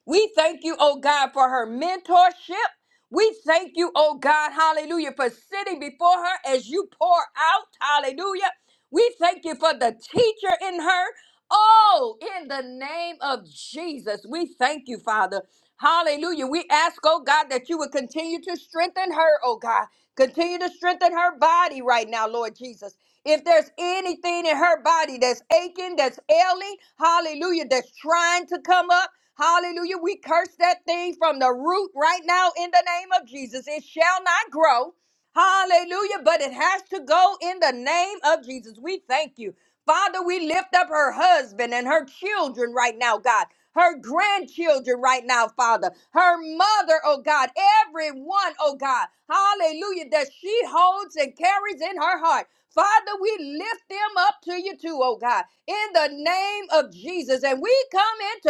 Speaker 4: We thank you, oh God, for her mentorship. We thank you, oh God, hallelujah, for sitting before her as you pour out, hallelujah. We thank you for the teacher in her. Oh, in the name of Jesus, we thank you, Father. Hallelujah. We ask, oh God, that you would continue to strengthen her, oh God. Continue to strengthen her body right now, Lord Jesus. If there's anything in her body that's aching, that's ailing, hallelujah, that's trying to come up, hallelujah, we curse that thing from the root right now in the name of Jesus. It shall not grow. Hallelujah. But it has to go in the name of Jesus. We thank you. Father, we lift up her husband and her children right now, God. Her grandchildren right now, Father. Her mother, oh God. Everyone, oh God. Hallelujah. That she holds and carries in her heart. Father, we lift them up to you too, oh God, in the name of Jesus. And we come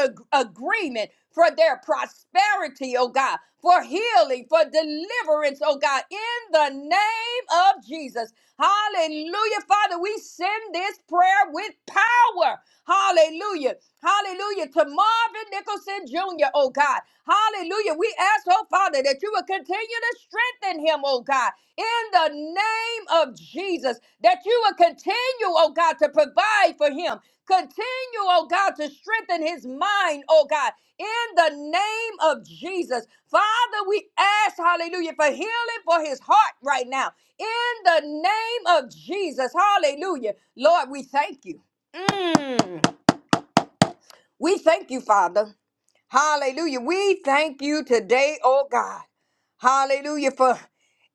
Speaker 4: into agreement for their prosperity, oh God, for healing, for deliverance, oh God, in the name of Jesus. Hallelujah. Father, we send this prayer with power. Hallelujah. Hallelujah. To Marvin Nicholson Jr., oh God. Hallelujah. We ask, oh Father, that you will continue to strengthen him, oh God in the name of Jesus, that you will continue, oh God, to provide for him. Continue, oh God, to strengthen his mind, oh God, in the name of Jesus. Father, we ask, hallelujah, for healing for his heart right now, in the name of Jesus, hallelujah. Lord, we thank you. Mm. We thank you, Father. Hallelujah. We thank you today, oh God. Hallelujah for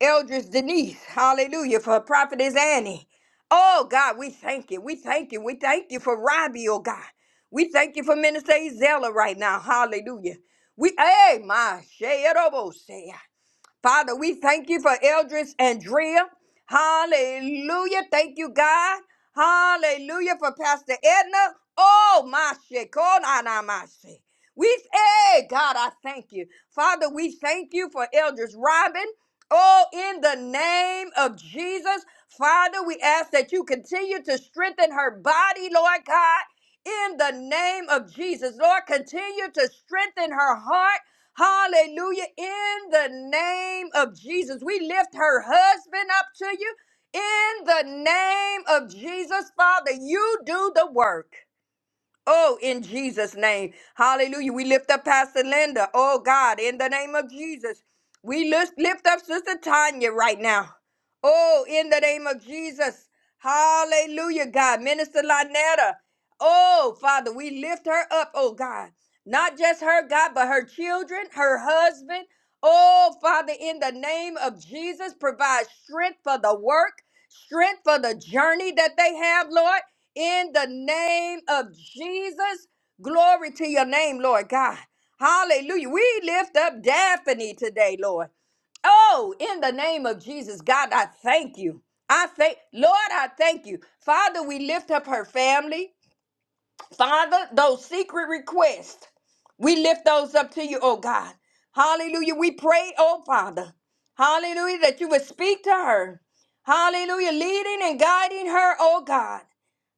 Speaker 4: Eldridge Denise. Hallelujah for Prophetess Annie. Oh God, we thank you. We thank you. We thank you for Robbie, oh God. We thank you for Minister Izella right now. Hallelujah. We hey my say Father, we thank you for Eldris Andrea. Hallelujah. Thank you, God. Hallelujah for Pastor Edna. Oh, my shit. Call on our my shit. We, hey, God, I thank you. Father, we thank you for Eldris Robin. Oh, in the name of Jesus, Father, we ask that you continue to strengthen her body, Lord God. In the name of Jesus, Lord, continue to strengthen her heart. Hallelujah. In the name of Jesus, we lift her husband up to you. In the name of Jesus, Father, you do the work. Oh, in Jesus' name. Hallelujah. We lift up Pastor Linda. Oh, God, in the name of Jesus. We lift, lift up Sister Tanya right now. Oh, in the name of Jesus. Hallelujah, God. Minister Lynetta. Oh, Father, we lift her up, oh, God. Not just her, God, but her children, her husband. Oh, Father, in the name of Jesus, provide strength for the work strength for the journey that they have, Lord, in the name of Jesus. Glory to your name, Lord God. Hallelujah. We lift up Daphne today, Lord. Oh, in the name of Jesus, God, I thank you. I thank, Lord, I thank you. Father, we lift up her family. Father, those secret requests, we lift those up to you, oh God. Hallelujah. We pray, oh Father. Hallelujah, that you would speak to her. Hallelujah, leading and guiding her, oh God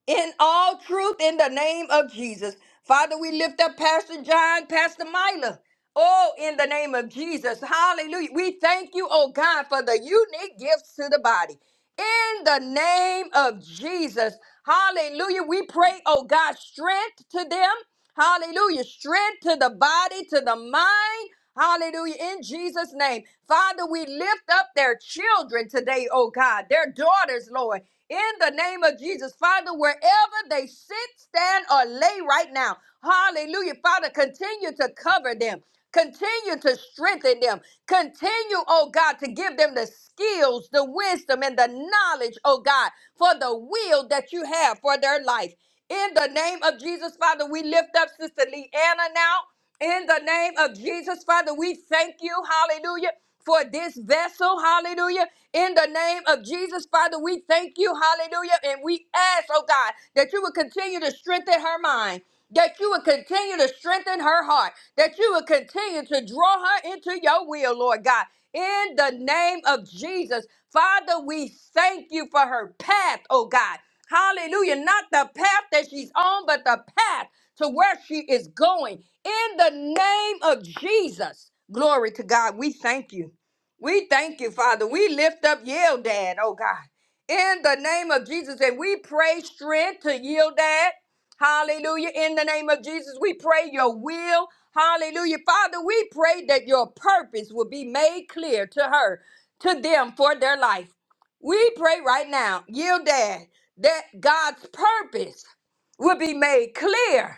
Speaker 4: in all truth in the name of Jesus. Father, we lift up Pastor John, Pastor Mila. Oh, in the name of Jesus. Hallelujah. We thank you, oh God, for the unique gifts to the body. In the name of Jesus. Hallelujah. We pray, oh God, strength to them. Hallelujah. Strength to the body, to the mind. Hallelujah. In Jesus' name. Father, we lift up their children today, oh God, their daughters, Lord. In the name of Jesus, Father, wherever they sit, stand, or lay right now. Hallelujah. Father, continue to cover them. Continue to strengthen them. Continue, oh God, to give them the skills, the wisdom, and the knowledge, oh God, for the will that you have for their life. In the name of Jesus, Father, we lift up Sister Leanna now. In the name of Jesus, Father, we thank you, hallelujah, for this vessel, hallelujah. In the name of Jesus, Father, we thank you, hallelujah. And we ask, oh God, that you would continue to strengthen her mind. That you would continue to strengthen her heart, that you would continue to draw her into your will, Lord God. In the name of Jesus, Father, we thank you for her path, oh God. Hallelujah. Not the path that she's on, but the path to where she is going. In the name of Jesus, glory to God, we thank you. We thank you, Father. We lift up Dad, oh God, in the name of Jesus. And we pray strength to Dad. Hallelujah. In the name of Jesus, we pray your will. Hallelujah. Father, we pray that your purpose will be made clear to her, to them for their life. We pray right now, Dad, that God's purpose will be made clear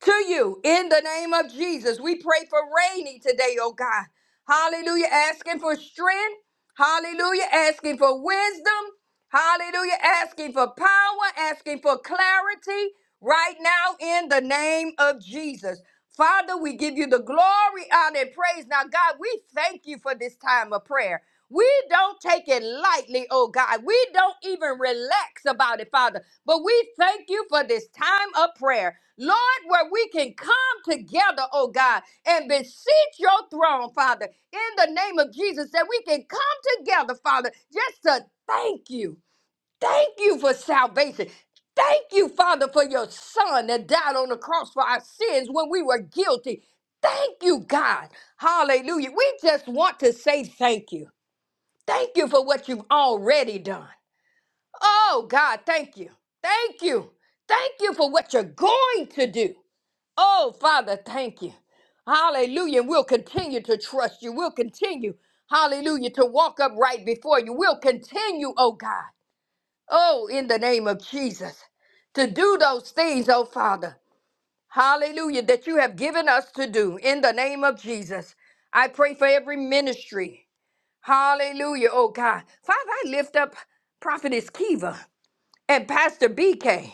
Speaker 4: to you in the name of Jesus. We pray for Rainy today, oh God. Hallelujah. Asking for strength. Hallelujah. Asking for wisdom. Hallelujah. Asking for power. Asking for clarity right now in the name of Jesus. Father, we give you the glory, honor, and praise. Now, God, we thank you for this time of prayer. We don't take it lightly, oh God. We don't even relax about it, Father. But we thank you for this time of prayer, Lord, where we can come together, oh God, and beseech your throne, Father, in the name of Jesus, that we can come together, Father, just to thank you. Thank you for salvation. Thank you, Father, for your Son that died on the cross for our sins when we were guilty. Thank you, God. Hallelujah. We just want to say thank you. Thank you for what you've already done. Oh, God, thank you. Thank you. Thank you for what you're going to do. Oh, Father, thank you. Hallelujah. And we'll continue to trust you. We'll continue, hallelujah, to walk upright before you. We'll continue, oh God. Oh, in the name of Jesus, to do those things, oh Father. Hallelujah, that you have given us to do in the name of Jesus. I pray for every ministry. Hallelujah, oh God. Father, I lift up Prophetess Kiva and Pastor BK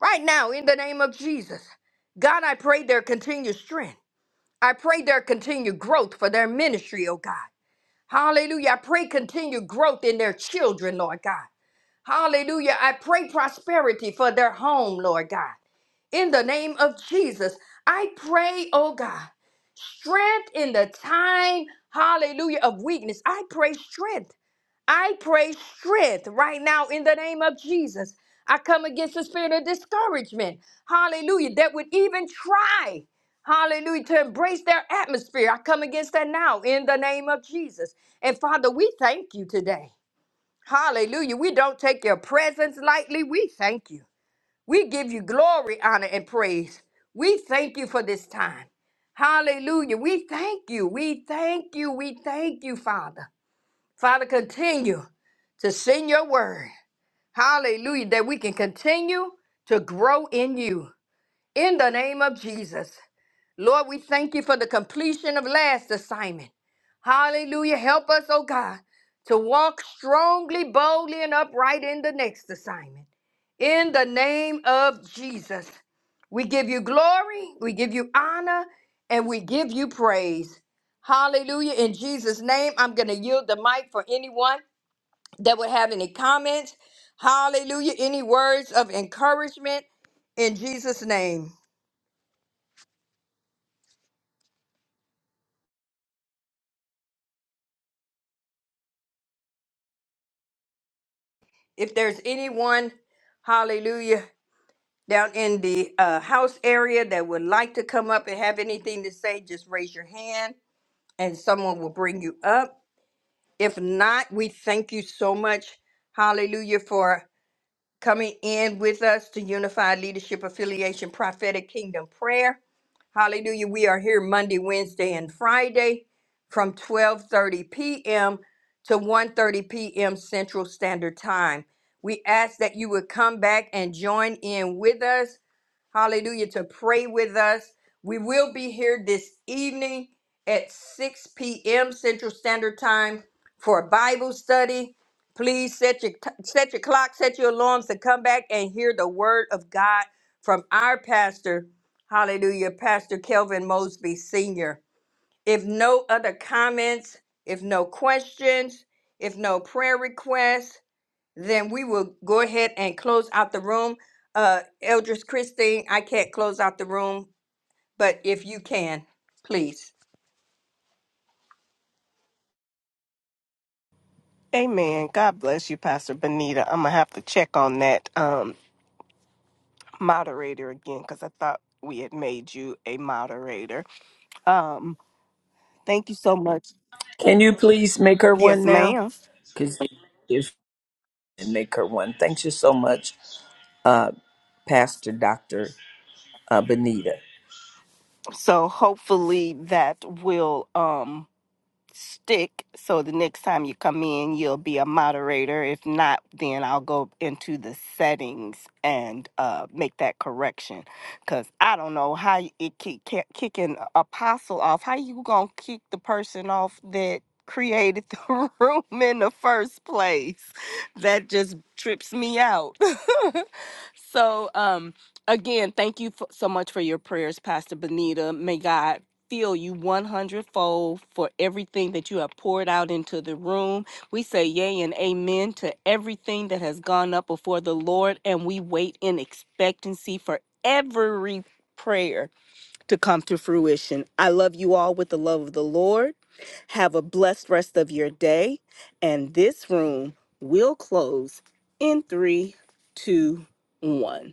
Speaker 4: right now in the name of Jesus. God, I pray their continued strength. I pray their continued growth for their ministry, oh God. Hallelujah. I pray continued growth in their children, Lord God. Hallelujah. I pray prosperity for their home, Lord God. In the name of Jesus, I pray, oh God, strength in the time, hallelujah, of weakness. I pray strength I pray strength right now in the name of Jesus. I come against the spirit of discouragement, hallelujah, that would even try, hallelujah, to embrace their atmosphere. I come against that now in the name of Jesus. And Father, we thank you today. Hallelujah. We don't take your presence lightly. We thank you. We give you glory, honor, and praise. We thank you for this time. Hallelujah. We thank you. We thank you. We thank you, Father. Father, continue to send your word. Hallelujah. That we can continue to grow in you. In the name of Jesus. Lord, we thank you for the completion of last assignment. Hallelujah. Help us, oh God, to walk strongly, boldly, and upright in the next assignment. In the name of Jesus. We give you glory, we give you honor, and we give you praise. Hallelujah. In Jesus' name, I'm going to yield the mic for anyone that would have any comments. Hallelujah. Any words of encouragement in Jesus' name. If there's anyone, hallelujah, down in the uh, house area that would like to come up and have anything to say, just raise your hand and someone will bring you up. If not, we thank you so much. Hallelujah for coming in with us to Unified Leadership Affiliation Prophetic Kingdom Prayer. Hallelujah. We are here Monday, Wednesday, and Friday from 12:30 p.m. to one thirty p.m. Central Standard Time. We ask that you would come back and join in with us hallelujah, to pray with us. We will be here this evening at 6 p.m. Central Standard Time for a Bible study. Please set your, t- set your clock, set your alarms to come back and hear the word of God from our pastor, hallelujah, Pastor Kelvin Mosby Sr. If no other comments, if no questions, if no prayer requests, then we will go ahead and close out the room. Uh, Eldris Christine, I can't close out the room, but if you can, please.
Speaker 5: Amen. God bless you, Pastor Benita. I'm gonna have to check on that um, moderator again because I thought we had made you a moderator. Um, thank you so much.
Speaker 3: Can you please make her
Speaker 5: Yes,
Speaker 3: one now?
Speaker 5: ma'am.
Speaker 3: Because if you can make her one, thank you so much, Uh, Pastor Dr. Uh, Benita.
Speaker 5: So hopefully that will. Um, stick so the next time you come in you'll be a moderator if not then i'll go into the settings and uh, make that correction because i don't know how y- it keep ki- kicking apostle off how you gonna kick the person off that created the room in the first place that just trips me out so um again thank you f- so much for your prayers pastor benita may god feel you 100 fold for everything that you have poured out into the room. We say yea and amen to everything that has gone up before the Lord, and we wait in expectancy for every prayer to come to fruition. I love you all with the love of the Lord. Have a blessed rest of your day, and this room will close in three, two, one.